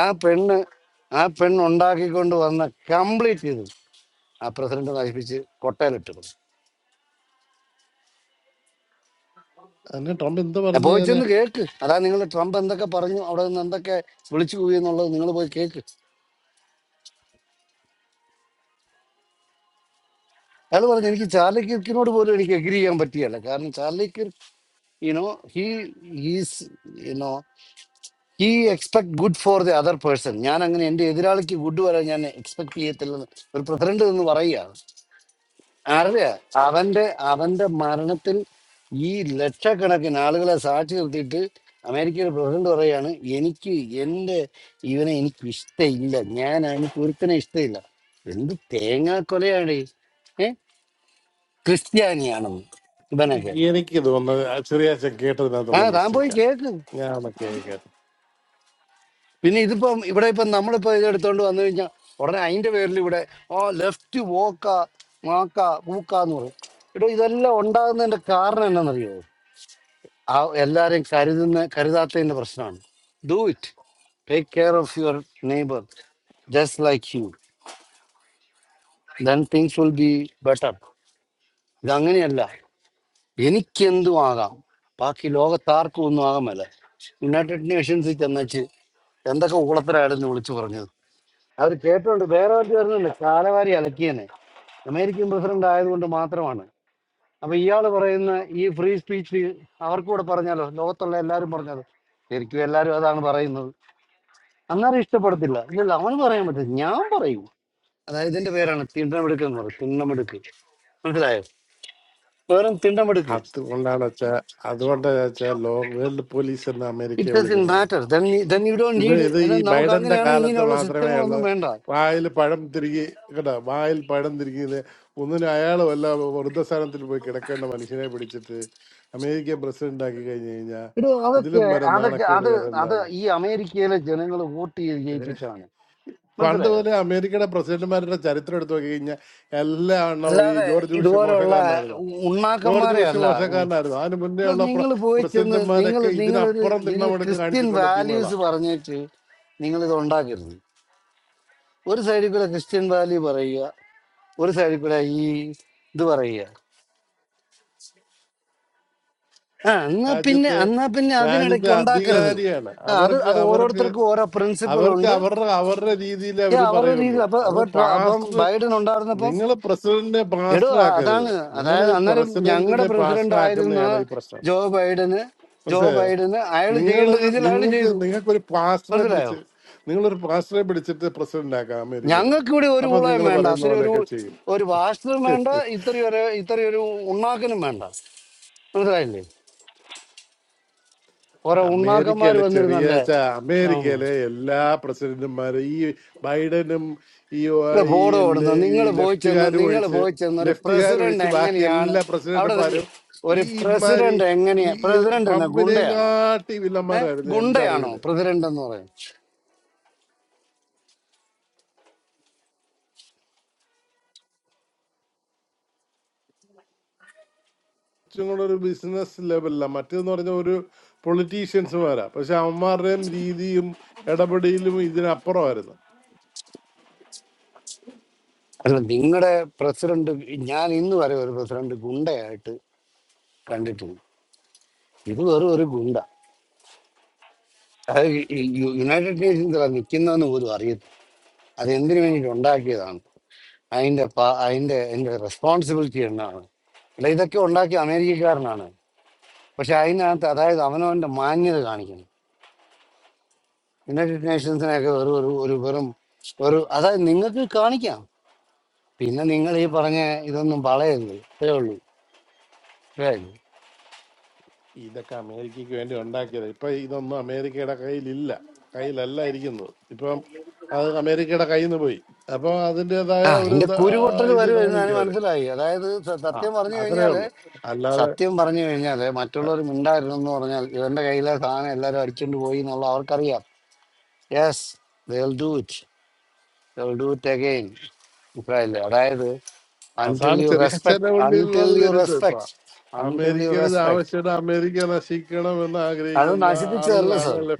ആ പെണ്ണ് ആ പെണ്ണ് ഉണ്ടാക്കിക്കൊണ്ട് വന്ന കംപ്ലീറ്റ് ചെയ്തു ആ പ്രസിഡന്റ് നശിപ്പിച്ച് കൊട്ടയിലിട്ടിരുന്നു അതിന് ട്രംപ് എന്ത് പോയി പറഞ്ഞേനെ ചെന്ന് കേക്ക് അതാ നിങ്ങൾ ട്രംപ് എന്തൊക്കെ പറഞ്ഞു അവിടെ നിന്ന് എന്തൊക്കെ വിളിച്ചു പോയി എന്നുള്ളത് നിങ്ങൾ പോയി കേക്ക് അയാൾ പറഞ്ഞു എനിക്ക് ചാർലി കിർക്കിനോട് പോലും എനിക്ക് എഗ്രി ചെയ്യാൻ പറ്റിയല്ല കാരണം Charlie Kirk you know he is you know he expect good for the other person ഞാൻ അങ്ങനെ എൻ്റെ എതിരാളിക്ക് ഗുഡ് വരാൻ ഞാൻ എക്സ്പെക്ട് ചെയ്യത്തില്ലെന്ന് ഒരു പ്രസിഡന്റ് എന്ന് പറയുകയാണ് അറിയ അവന്റെ അവന്റെ മരണത്തിൽ ഈ ലക്ഷക്കണക്കിന് ആളുകളെ സാക്ഷി നിർത്തിയിട്ട് അമേരിക്കയുടെ പ്രസിഡന്റ് പറയാണ് എനിക്ക് എന്റെ ഇവനെ എനിക്ക് ഇഷ്ടമില്ല ഞാൻ അവന് കുരുത്തനെ ഇഷ്ടമില്ല എന്ത് തേങ്ങാക്കൊലയാണ് ഈ? ഏ ക്രിസ്ത്യാനിയാണെന്ന് ഇവനൊക്കെ എനിക്ക് തോന്നുന്നത് ചെറിയാച്ചൻ ആ കേട്ടതിനകത്തുള്ള താൻ പോയി മിസ്റ്റേക്കാ കേക്ക് ഞാൻ അതൊക്കെ കേട്ടു പിന്നെ ഇതിപ്പം ഇവിടെ ഇപ്പം നമ്മളിപ്പോ ഇത് എടുത്തോണ്ട് വന്നു കഴിഞ്ഞാൽ ഉടനെ അതിന്റെ പേരിൽ ഇവിടെ ഓ ലെഫ്റ്റ് വോക്ക മാക്ക പൂക്ക എന്ന് പറയും എടോ ഇതെല്ലാം ഉണ്ടാകുന്നതിന്റെ കാരണം എന്നാണെന്നറിയോ ആ എല്ലാവരെയും കരുതുന്ന കരുതാത്തതിന്റെ പ്രശ്നമാണ് do it take care of your neighbour just like you then things will be better ഇതങ്ങനെയല്ല എനിക്കെന്തും ആകാം ബാക്കി ലോകത്താർക്കും ഒന്നും ആകാമല്ല യുണൈറ്റഡ് നേഷൻസിൽ ചെന്നച്ച് എന്തൊക്കെ ഊളത്തരായിരുന്നു വിളിച്ചു പറഞ്ഞത് അവർ കേട്ടോണ്ട് വേറെ ആൾക്ക് വരുന്നില്ല കാലവാരി അലക്കിയനെ അമേരിക്കൻ പ്രസിഡന്റ് ആയതുകൊണ്ട് മാത്രമാണ് അപ്പൊ ഇയാള് പറയുന്ന ഈ ഫ്രീ സ്പീച്ച് അവർക്കൂടെ പറഞ്ഞാലോ ലോകത്തുള്ള എല്ലാരും പറഞ്ഞത് ശരിക്കും എല്ലാരും അതാണ് പറയുന്നത് അന്നേരം ഇഷ്ടപ്പെടത്തില്ല ഇല്ലല്ല അവന് പറയാൻ പറ്റില്ല ഞാൻ പറയൂ അതായത് ഇതിന്റെ പേരാണ് തിണ്ടമെടുക്ക് എന്ന് പറയും തിണ്ടമെടുക്ക് മനസ്സിലായോ വെറും തിണ്ടമെടുക്ക് അതുകൊണ്ടാണ് വെച്ചാ അതുകൊണ്ടാണ് വെച്ചാ ലോ വേൾഡ് പോലീസ് എന്ന് ഇറ്റ് അമേരിക്കയെ ഡസ് ഇൻ വിളിക്കുന്നത് മാറ്റർ ദെൻ യു ഡോണ്ട് ഇത് നീഡ് ഇത് ഈ നമുക്ക് ബൈഡന്റെ അങ്ങനെയാണ് കാലത്ത് ഇങ്ങനെയുള്ള മാത്രമേ ഉള്ളൂ സിസ്റ്റങ്ങളൊന്നും വേണ്ട വായിൽ പഴം തിരികെ കേട്ടോ വായിൽ പഴം തിരിക്കുന്നത് ഒന്നിനും അയാൾ വല്ല വൃദ്ധസ്ഥാനത്തിൽ പോയി കിടക്കേണ്ട മനുഷ്യനെ പിടിച്ചിട്ട് അമേരിക്ക പ്രസിഡന്റ് ആക്കി കഴിഞ്ഞു കഴിഞ്ഞാൽ ഇത് അതൊക്കെ ഇതിലും വരെ അതൊക്കെ നാണക്കേട് അത് വേറെ അത് എന്താണ് ഈ അമേരിക്കയിലെ ജനങ്ങൾ വോട്ട് ചെയ്ത് ഏഹ്. ജയിപ്പിച്ചാണ് പണ്ട് മനസ്സിലായോ പോലെ അമേരിക്കയുടെ പ്രസിഡന്റുമാരുടെ ചരിത്രം എടുത്തു നോക്കി കഴിഞ്ഞാൽ എല്ലാ എണ്ണവും ഈ അല്ലാതെ ജോർജ് ബുഷ് ഇതുപോലെയുള്ള മോശക്കാരനായിരുന്നു ഉ- ജോർജ് ഉണ്ണാക്കന്മാരെ ബുഷ് അല്ല ഉം. മോശക്കാരനായിരുന്നു അതിന് മുന്നേ ഇത് ഉള്ള നിങ്ങൾ പോയി ചെന്ന് നിങ്ങൾ പ്രസിഡന്റുമാരൊക്കെ നിങ്ങളൊരു ഇതിനപ്പുറം നിങ്ങൾ തിണ്ണമെടുക്ക് ക്രിസ്ത്യൻ കാണിച്ചിട്ടുള്ള വാല്യൂസ് ടീമുകളാണ് പറഞ്ഞിട്ട് നിങ്ങൾ ഇത് ഉണ്ടാക്കരുത് ഒരു സൈഡിൽ കൂടെ ക്രിസ്ത്യൻ വാല്യൂ പറയുക ഒരു സൈഡിൽ കൂടെ ഈ ഇത് പറയുക ആ എന്നാ രാജ്യത്തെ പിന്നെ എന്നാ പിന്നെ രാജ്യത്തെ അതിനിടയ്ക്ക് ഉണ്ടാക്കരുത് അധികാരിയാണ് ആ അത് അവർക്ക് അത് അവർക്ക് ഓരോരുത്തർക്കും ഓരോ പ്രിൻസിപ്പൽ അവർക്ക് ഉണ്ട് അവരുടെ അവരുടെ രീതിയിൽ ഏ, അവർ അവരുടെ പറയുള്ളൂ രീതിയിൽ അപ്പൊ അത് അപ്പൊ ട്ര- അപ്പം പാസ്റ്റർ ബൈഡൻ ഉണ്ടായിരുന്നപ്പം നിങ്ങൾ പ്രസിഡന്റിനെ എടോ പാസ്റ്റർ അ- ആക്കരുത് അതാണ് നിങ്ങൾ അതായത് അന്നേരം ഞങ്ങളുടെ പ്രസിഡന്റിനെ പ്രസിഡന്റ് പാസ്റ്റർ ആയിരുന്ന ആക്കുന്നതാണ് ഈ പ്രശ്നം ജോ ബൈഡന് ജോ മനസ്സിലായോ ബൈഡന് അയാൾ നിങ്ങൾ ചെയ്യേണ്ട രീതിയിൽ അയാൾ നിങ്ങൾക്ക് ചെയ്തു നിങ്ങൾക്ക് ഒരു പാസ്റ്ററെ മനസ്സിലായോ പിടിച്ച് നിങ്ങളൊരു പാസ്റ്ററെ പിടിച്ചിട്ട് പ്രസിഡന്റ് ആക്കാം അമേരിക്കയുടെ ഞങ്ങൾക്ക് ഇവിടെ ഒരു അപ്പൊ ഉളയും നിങ്ങൾ വേണ്ട പറയുന്ന അത്രയും ഒരു പോലെയൊക്കെ ഒരു വാസ്തുവും വേണ്ട ചെയ്യും ഇത്രയും ഒരു ഇത്രയും ഒരു ഉണ്ണാക്കനും വേണ്ട മനസ്സിലായില്ലേ ഓരോ ഉണ്ണാക്കന്മാർ അമേരിക്കയിലെ ചെറിയ വന്നിരുന്നല്ലേ ച- ഇതാണല്ലോ. അമേരിക്കയിലെ എല്ലാ പ്രസിഡന്റുമാരും ഈ ബൈഡനും ഈ ഒ- ഇവിടെ ഈ ബോർഡ് ഓടുന്നു ലെ- ഈ നിങ്ങൾ പോയി ചെന്ന് ലെഫ്റ്റുകാരും നിങ്ങൾ ഒഴിച്ച് പോയി ചെന്ന് ഒരു ലെഫ്റ്റുകാരും പ്രസിഡന്റ് ഒഴിച്ച് ബാക്കി എങ്ങനെയാണ് എല്ലാ അവിടെ നിന്ന് പ്രസിഡന്റുമാരും ഒരു ഈ ഇമാരി പ്രസിഡന്റ് ഈ എങ്ങനെയാ ഈ പ്രസിഡന്റ് എന്ന ട്രംപിനെയും ഗുണ്ടയാണ് കാട്ടി ഏഹ് വില്ലന്മാരായിരുന്നു എന്റെ ഗുണ്ടയാണോ അറിവില് പ്രസിഡന്റ് എന്ന് പറയും കുറച്ചും കൂടെ ഒരു ബിസിനസ് ലെവലിലാണ് മറ്റേന്ന് പറഞ്ഞ ഒരു പൊളിറ്റീഷ്യൻസുമാരാ പക്ഷെ അവന്മാരുടെയും രീതിയും ഇടപെടലും ഇതിനപ്പുറമായിരുന്നു അല്ല നിങ്ങളുടെ പ്രസിഡന്റ് ഞാൻ ഇന്ന് വരെ ഒരു പ്രസിഡന്റ് ഗുണ്ടയായിട്ട് കണ്ടിട്ടില്ല ഇത് വെറും ഒരു ഗുണ്ട അത് ഈ യു- യുണൈറ്റഡ് നേഷൻസിലാ നിൽക്കുന്നതെന്ന് പോലും അറിയത്തില്ല അത് എന്തിനു വേണ്ടിയിട്ട് ഉണ്ടാക്കിയതാണ് അതിന്റെ പ- അതിന്റെ അതിന്റെ റെസ്പോൺസിബിലിറ്റി എന്നാണ് അല്ല ഇതൊക്കെ ഉണ്ടാക്കിയ അമേരിക്കക്കാരനാണ് പക്ഷെ അതിനകത്ത് അതായത് അവനവന്റെ മാന്യത കാണിക്കണം യുണൈറ്റഡ് നേഷൻസിനെയൊക്കെ വെറും ഒരു ഒരു വെറും ഒരു അതായത് നിങ്ങൾക്ക് കാണിക്കാം പിന്നെ നിങ്ങൾ ഈ പറഞ്ഞ ഇതൊന്നും പറയരുത് ഇത്രേ ഉള്ളൂ മനസ്സിലായി ഇതൊക്കെ അമേരിക്കയ്ക്ക് വേണ്ടി ഉണ്ടാക്കിയത് ഇപ്പൊ ഇതൊന്നും അമേരിക്കയുടെ കയ്യിലില്ല കയ്യിലല്ല ഇരിക്കുന്നത് ഇപ്പം അത് അമേരിക്കയുടെ കയ്യിൽ നിന്ന് പോയി അപ്പൊ അതിൻ്റെതായ ആ ഒരു എന്റെ ഇത് ആ, കുരുപൊട്ടൽ ഇത് വരുമെന്ന് ഞാൻ കാണിക്കും അവര് മനസ്സിലായി അതായത് സ- ആ സത്യം പറഞ്ഞു അത്രേ കഴിഞ്ഞാല് ഉള്ളു അല്ലാതെ സത്യം പറഞ്ഞു കഴിഞ്ഞാല് മറ്റുള്ളവർ മിണ്ടായിരുന്നു എന്ന് പറഞ്ഞാൽ ഇവന്റെ കയ്യിലെ സാധനം എല്ലാരും അടിച്ചോണ്ട് പോയി എന്നുള്ള അവർക്കറിയാം yes do it do it again മനസ്സിലായില്ലേ അതായത് അൺടിൽ അതാണ് യു ചെറിയ റെസ്പെക്ട് അച്ഛന്റെ അൺടിൽ ഉള്ളിലുള്ളത് യു വരുന്നത് ഇപ്പൊ റെസ്പെക്ട് അൺടിൽ യു അമേരിക്കയിൽ ഇത് റെസ്പെക്ട് ആവശ്യമായിട്ട് അമേരിക്ക നശിക്കണം എന്ന് അത് ആഗ്രഹിക്കുന്ന നശിപ്പിച്ചതല്ല സാർ ആളുകളാണ്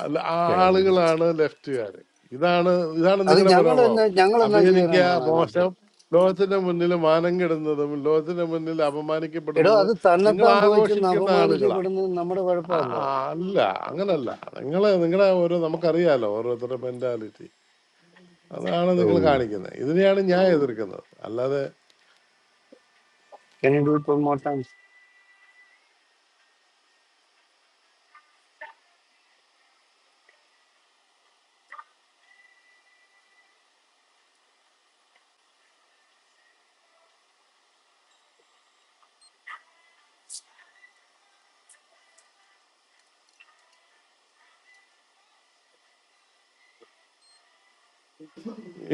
ആള് ആളുകളാണ് ലെഫ്റ്റുകാര് ഇതാണ് ഇതാണ് അത് നിങ്ങളുടെ ഞങ്ങൾ എന്നാ മനോഭാവം ഞങ്ങൾ എന്നാ അമേരിക്ക ചെയ്യാനായിട്ടാണ് അതിനകത്ത് മോശം ലോകത്തിന്റെ മുന്നിൽ മാനം കെടുന്നതും ലോകത്തിന്റെ മുന്നിൽ എടോ അപമാനിക്കപ്പെടുന്നതും അത് നിങ്ങൾ തന്നെത്താൻ പോയി ചെന്ന് ആഘോഷിക്കുന്ന ആളുകളാ അപമാനിക്കപ്പെടുന്നത് നമ്മുടെ ആ, കുഴപ്പമല്ല ആ, അല്ല അങ്ങനല്ല നിങ്ങളെ നിങ്ങളെ ഓരോ നമുക്കറിയാലോ ഓരോരുത്തരുടെ മെന്റാലിറ്റി അതാണ് ഓ നിങ്ങൾ കാണിക്കുന്നത് ഇതിനെയാണ് ഞാൻ എതിർക്കുന്നത് അല്ലാതെ can you do it more time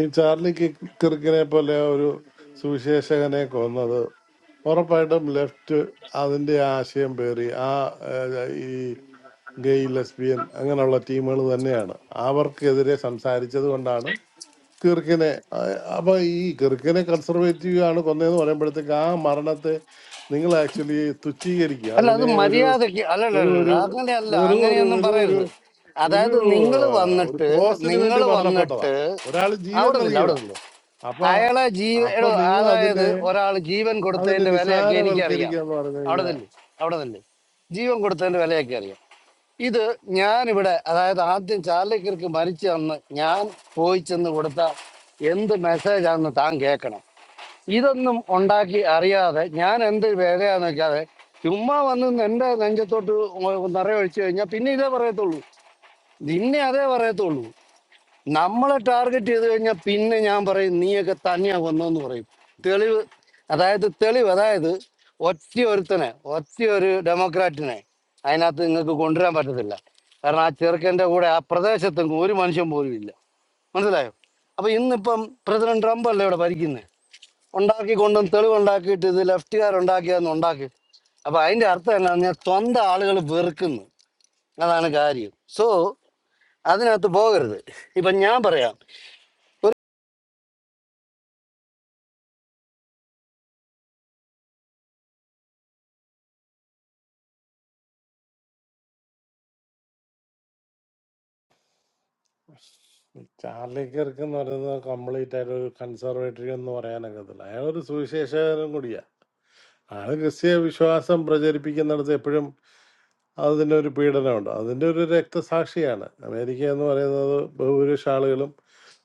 ഈ ചാർലി കി- കിർക്കിനെ പോലെ ഒരു സുവിശേഷകനെ കൊന്നത് ഉറപ്പായിട്ടും ലെഫ്റ്റ് അതിന്റെ ആശയം പേറി ആ ഏഹ്, ഈ ഗെയ് ലെസ്ബിയൻ അങ്ങനെയുള്ള ടീമുകൾ തന്നെയാണ് അവർക്കെതിരെ സംസാരിച്ചത് കൊണ്ടാണ് കിർക്കിനെ ആ- അപ്പൊ ഈ കിർക്കിനെ കൺസർവേറ്റീവ് ആണ് കൊന്നതെന്ന് പറയുമ്പോഴത്തേക്ക് ആ മരണത്തെ നിങ്ങൾ ആക്ച്വലി തുച്ഛീകരിക്കുക അല്ല അത് അതിനെ ഒരു മര്യാദക്ക് ഒരു അല്ലല്ല ഒരു അങ്ങനെയല്ല വെറും ഒരു അങ്ങനെയൊന്നും ഒരു ഒരു പറയരുത് ഒരു അതായത് നിങ്ങൾ ആ, ഒരു വന്നിട്ട് ക്രോസിന് വേണ്ടി നിങ്ങൾ മരണപ്പെട്ടതാ വന്നിട്ട് ഒരാൾ ജീവൻ അവിടെ നില്ല അവിടെ നൽകിയതാ നില്ല അപ്പൊ അയാളെ ജീവ അപ്പൊ എടോ നിങ്ങൾ അതായത് അതിനെ ഒരാൾ ജീവൻ അതിനെ കൊടുത്തതിന്റെ വിലയൊക്കെ എനിക്കറിയാം നിസാരവൽക്കരിക്കുക എന്ന് പറഞ്ഞു അവിടെ കഴിഞ്ഞാൽ നില്ല അവിടെ നില്ല ജീവൻ കൊടുത്തതിന്റെ വിലയൊക്കെ അറിയാം ഇത് ഞാനിവിടെ അതായത് ആദ്യം ചാലക്കർക്ക് മരിച്ചു തന്ന് ഞാൻ പോയി ചെന്ന് കൊടുത്ത എന്ത് മെസ്സേജാണെന്ന് താൻ കേൾക്കണം ഇതൊന്നും ഉണ്ടാക്കി അറിയാതെ ഞാൻ എന്ത് വേലയാന്ന് വെക്കാതെ ചുമ്മാ വന്ന് എന്റെ നെഞ്ചത്തോട്ട് നിറയെ ഒഴിച്ചു കഴിഞ്ഞാൽ പിന്നെ ഇതേ പറയത്തുള്ളൂ നിന്നെ അതേ പറയത്തുള്ളൂ നമ്മളെ ടാർഗറ്റ് ചെയ്ത് കഴിഞ്ഞാൽ പിന്നെ ഞാൻ പറയും നീയൊക്കെ തന്നെയാ കൊന്നെന്ന് പറയും തെളിവ് അതായത് തെളിവ് അതായത് ഒറ്റ ഒരുത്തനെ ഒറ്റ ഒരു ഡെമോക്രാറ്റിനെ അതിനകത്ത് നിങ്ങൾക്ക് കൊണ്ടുവരാൻ പറ്റത്തില്ല കാരണം ആ ചെറുക്കൻ്റെ കൂടെ ആ പ്രദേശത്തെങ്ങും ഒരു മനുഷ്യൻ പോലും ഇല്ല മനസ്സിലായോ അപ്പൊ ഇന്നിപ്പം പ്രസിഡന്റ് ട്രംപ് അല്ലേ ഇവിടെ ഭരിക്കുന്നത് ഉണ്ടാക്കി കൊണ്ടുവന്ന് തെളിവുണ്ടാക്കിയിട്ട് ഇത് ലെഫ്റ്റുകാരുണ്ടാക്കിയാന്ന് ഉണ്ടാക്കി അപ്പൊ അതിന്റെ അർത്ഥം എന്താണെന്ന് പറഞ്ഞാൽ സ്വന്തം ആളുകൾ വെറുക്കുന്നു അതാണ് കാര്യം സോ അതിനകത്ത് പോകരുത് ഇപ്പൊ ഞാൻ പറയാം ചാർലി കിർക്ക് എന്ന് പറയുന്നത് കംപ്ലീറ്റ് ആയിട്ട് ഒരു കൺസർവേറ്ററി എന്ന് പറയാനൊക്കത്തില്ല അയാൾ ഒരു സുവിശേഷകനും കൂടിയാ അയാൾ ക്രിസ്തീയ വിശ്വാസം പ്രചരിപ്പിക്കുന്നിടത്ത് എപ്പോഴും അതിൻ്റെ ഒരു പീഡനമുണ്ട് അതിൻ്റെ ഒരു രക്തസാക്ഷിയാണ് അമേരിക്ക എന്ന് പറയുന്നത് ബഹുഭൂരിഷ ആളുകളും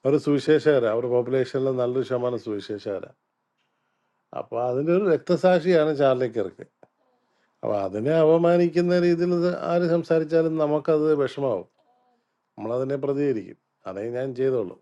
ഒരു സുവിശേഷകരാണ് അവരുടെ പോപ്പുലേഷനിൽ നല്ലൊരു ശതമാനം സുവിശേഷകരാണ് അപ്പോൾ അതിൻ്റെ ഒരു രക്തസാക്ഷിയാണ് ചാർലി കിർക്ക് അപ്പോൾ അതിനെ അപമാനിക്കുന്ന രീതിയിൽ ഇത് ആര് സംസാരിച്ചാലും നമുക്കത് വിഷമാവും നമ്മളതിനെ പ്രതികരിക്കും അതേ ഞാൻ ചെയ്തോളൂ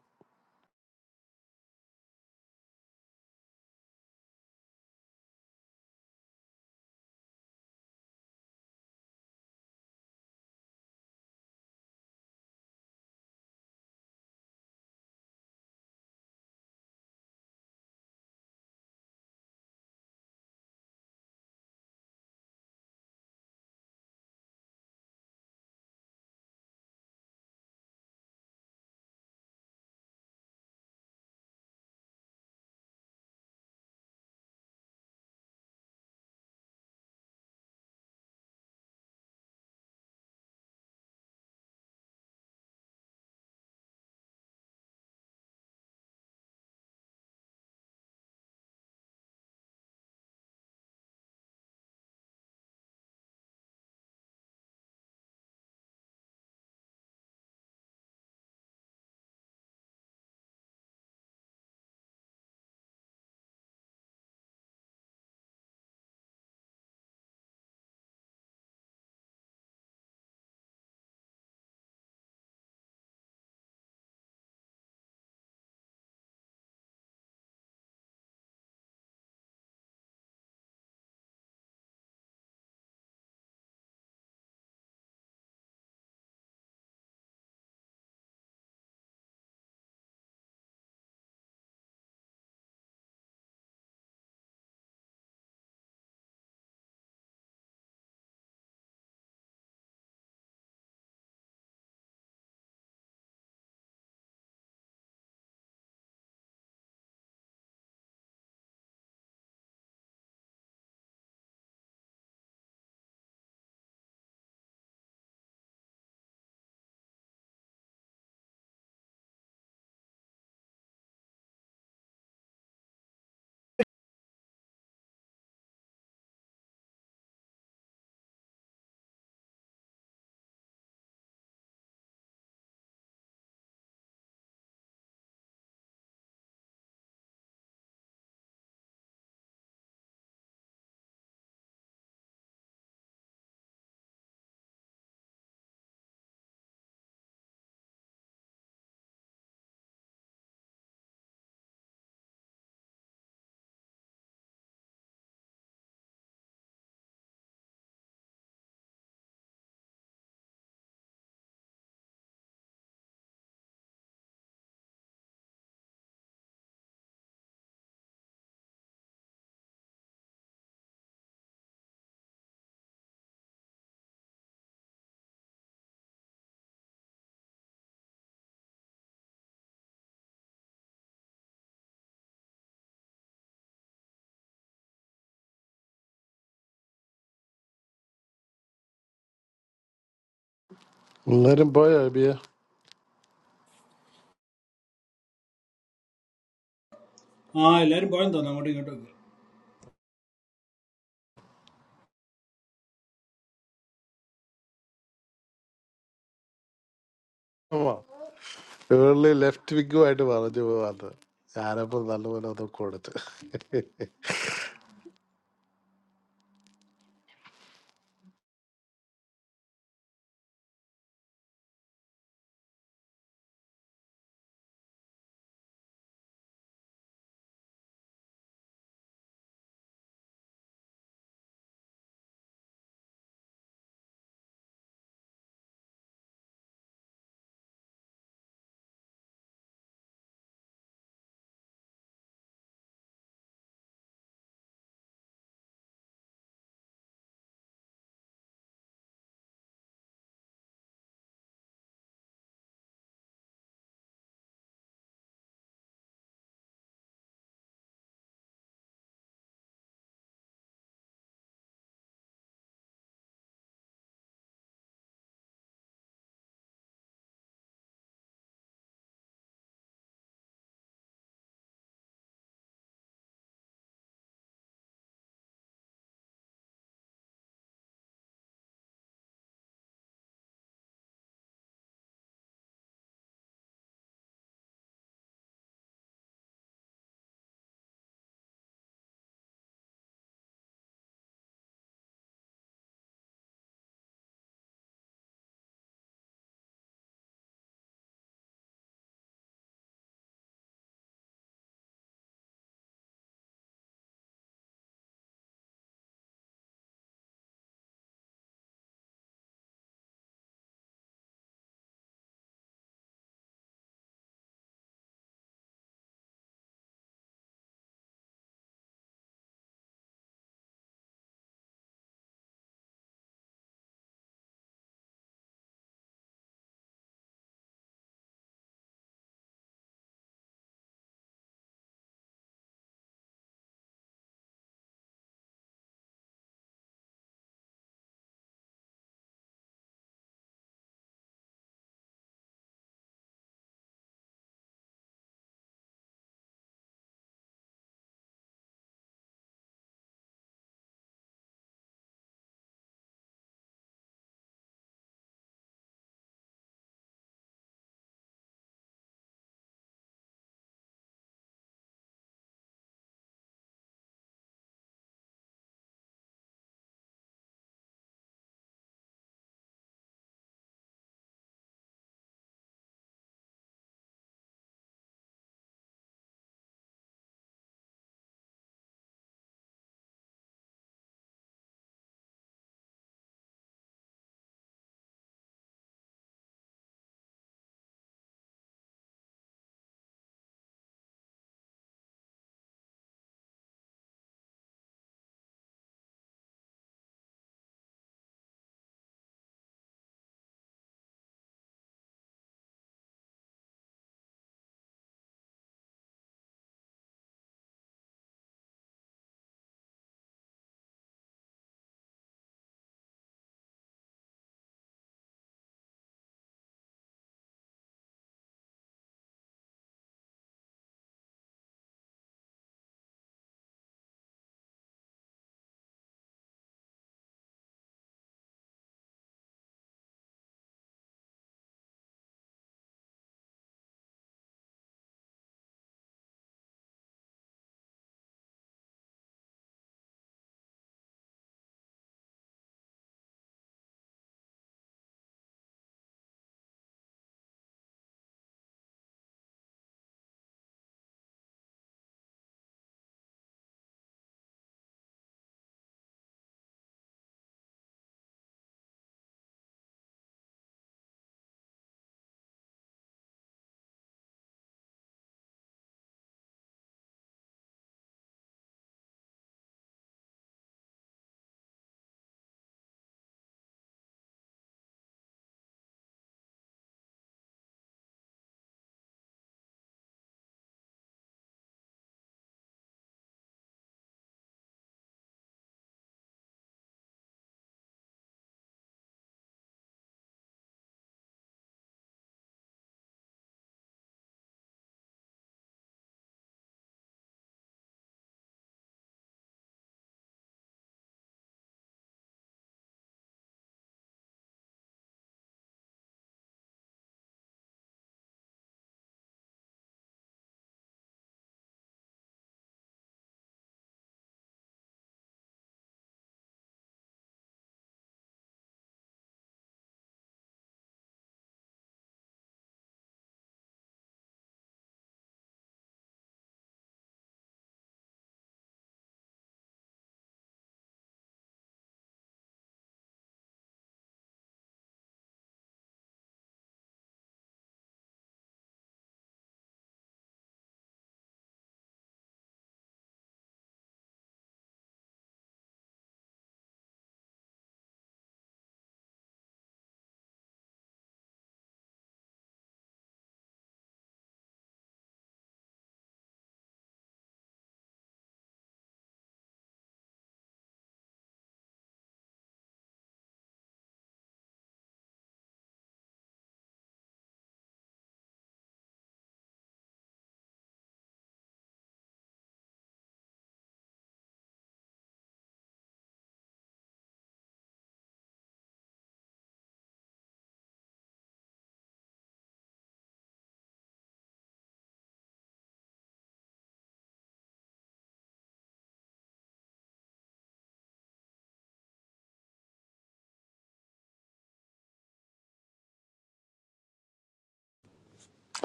എല്ലാവരും പോയോ അബിയ ആ എല്ലാരും പോയെന്ന് തോന്നുന്നു അങ്ങോട്ടും ഇങ്ങോട്ടൊക്കെ ഏർലി ലെഫ്റ്റ് വിങ്ങുമായിട്ട് പറഞ്ഞു പോവാന്ന് ഞാനപ്പോ നല്ലപോലെ ഒന്ന് കൊടുത്ത്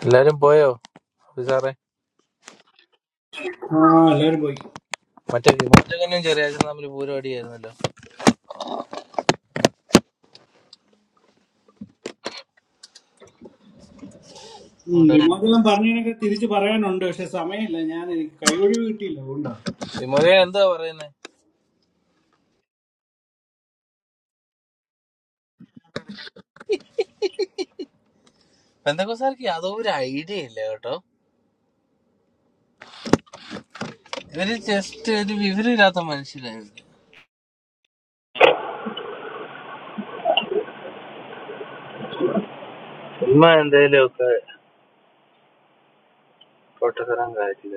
എല്ലാരും പോയോ സാറേ ആ എല്ലാരും പോയി മറ്റേ വിമോചകനും ചെറിയാച്ചനും തമ്മിൽ പൂരം അടിയായിരുന്നല്ലോ ഉം, അതുകൊണ്ട് വിമോചനം പറഞ്ഞതിനൊക്കെ തിരിച്ചു പറയാനുണ്ട് പക്ഷെ സമയമില്ല ഞാൻ എനിക്ക് കൈവഴിവ് കിട്ടിയില്ല അതുകൊണ്ടാ വിമോചകൻ എന്താ പറയുന്നത് പെന്തക്കോസാർക്ക് യാതോ ഒരു ഐഡിയ ഇല്ല കേട്ടോ ഇവര് ജസ്റ്റ് ഒരു വിവരമില്ലാത്ത മനുഷ്യരായിരുന്നു ഉമ്മ എന്തേലും ഒക്കെ പൊട്ടത്തരം കാര്യം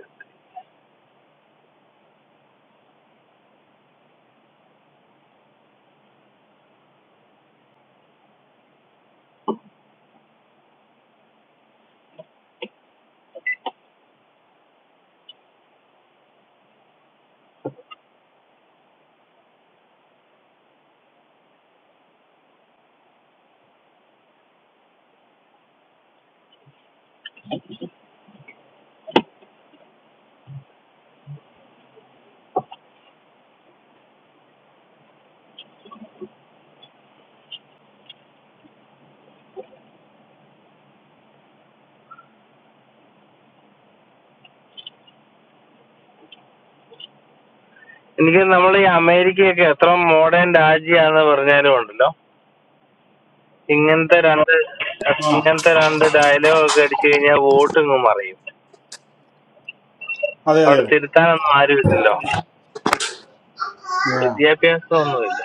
എനിക്ക് നമ്മളെ ഈ അമേരിക്കയൊക്കെ എത്ര മോഡേൺ രാജ്യാന്ന് പറഞ്ഞാലും ഉണ്ടല്ലോ ഇങ്ങനത്തെ രണ്ട് ആ ഇങ്ങനത്തെ രണ്ട് ഡയലോഗ് ഒക്കെ അടിച്ചു കഴിഞ്ഞാൽ വോട്ട് ഇങ്ങ് മറിയും അതെ അതെ അവിടെ അതെ തിരുത്താനൊന്നും ആരുമില്ലല്ലോ ആ. വിദ്യാഭ്യാസം ഒന്നുമില്ല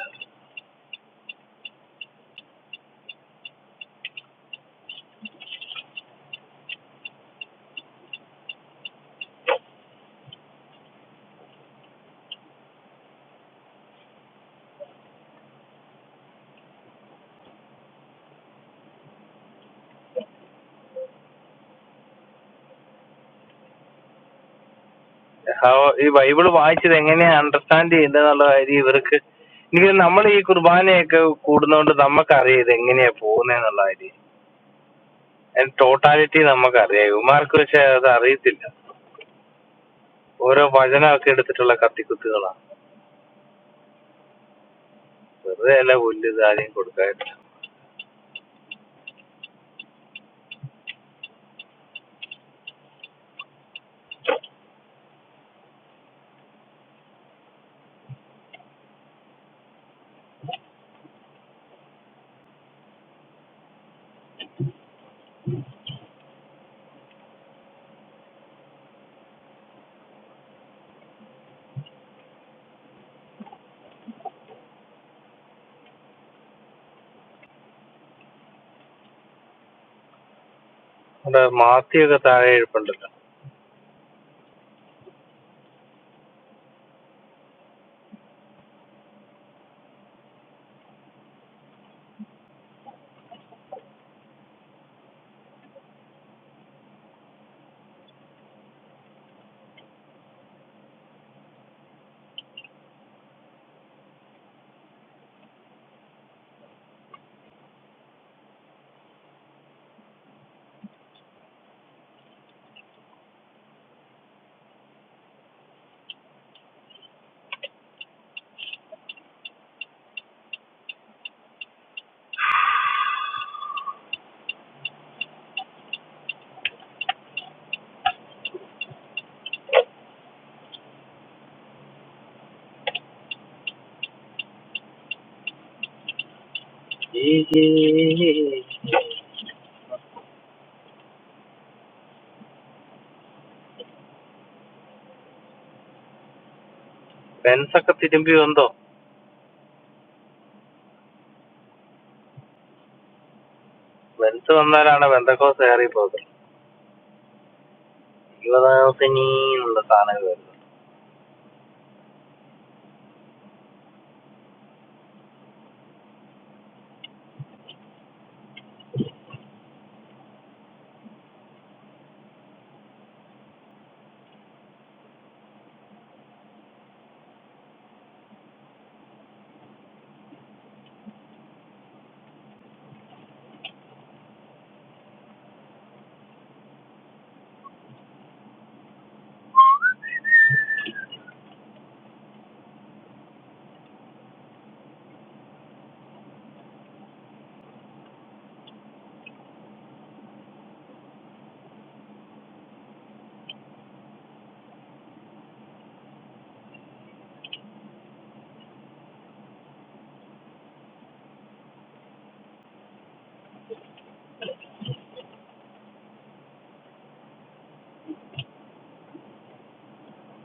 അവ- ഈ ബൈബിള് വായിച്ചത് എങ്ങനെയാ അണ്ടർസ്റ്റാൻഡ് ചെയ്യേണ്ടതെന്നുള്ള കാര്യം ഇവർക്ക് എനിക്ക് നമ്മൾ ഈ കുർബാനയൊക്കെ കൂടുന്നോണ്ട് നമുക്കറിയാം ഇത് എങ്ങനെയാ പോകുന്നതെന്നുള്ള കാര്യം അതിന്റെ ടോട്ടാലിറ്റി നമുക്കറിയാം ഇവന്മാർക്ക് പക്ഷെ അത് അറിയത്തില്ല ഓരോ വചനമൊക്കെ എടുത്തിട്ടുള്ള കത്തിക്കുത്തുകളാണ് വെറുതെ അല്ല പുല്ല് ഇതാദ്യം കൊടുക്കുക നമ്മുടെ മാത്തിയൊക്കെ താഴെ ഇരിപ്പുണ്ടല്ലോ ഈ ഈ- ഈ- ഈ ബെൻസൊക്കെ തിരുമ്പി വന്നോ ബെൻസ് വന്നാലാണ് ബെന്തക്കോസ് കയറി പോകുന്നത് ഇരുപതാമത്തെ നീന്നുള്ള സാധനം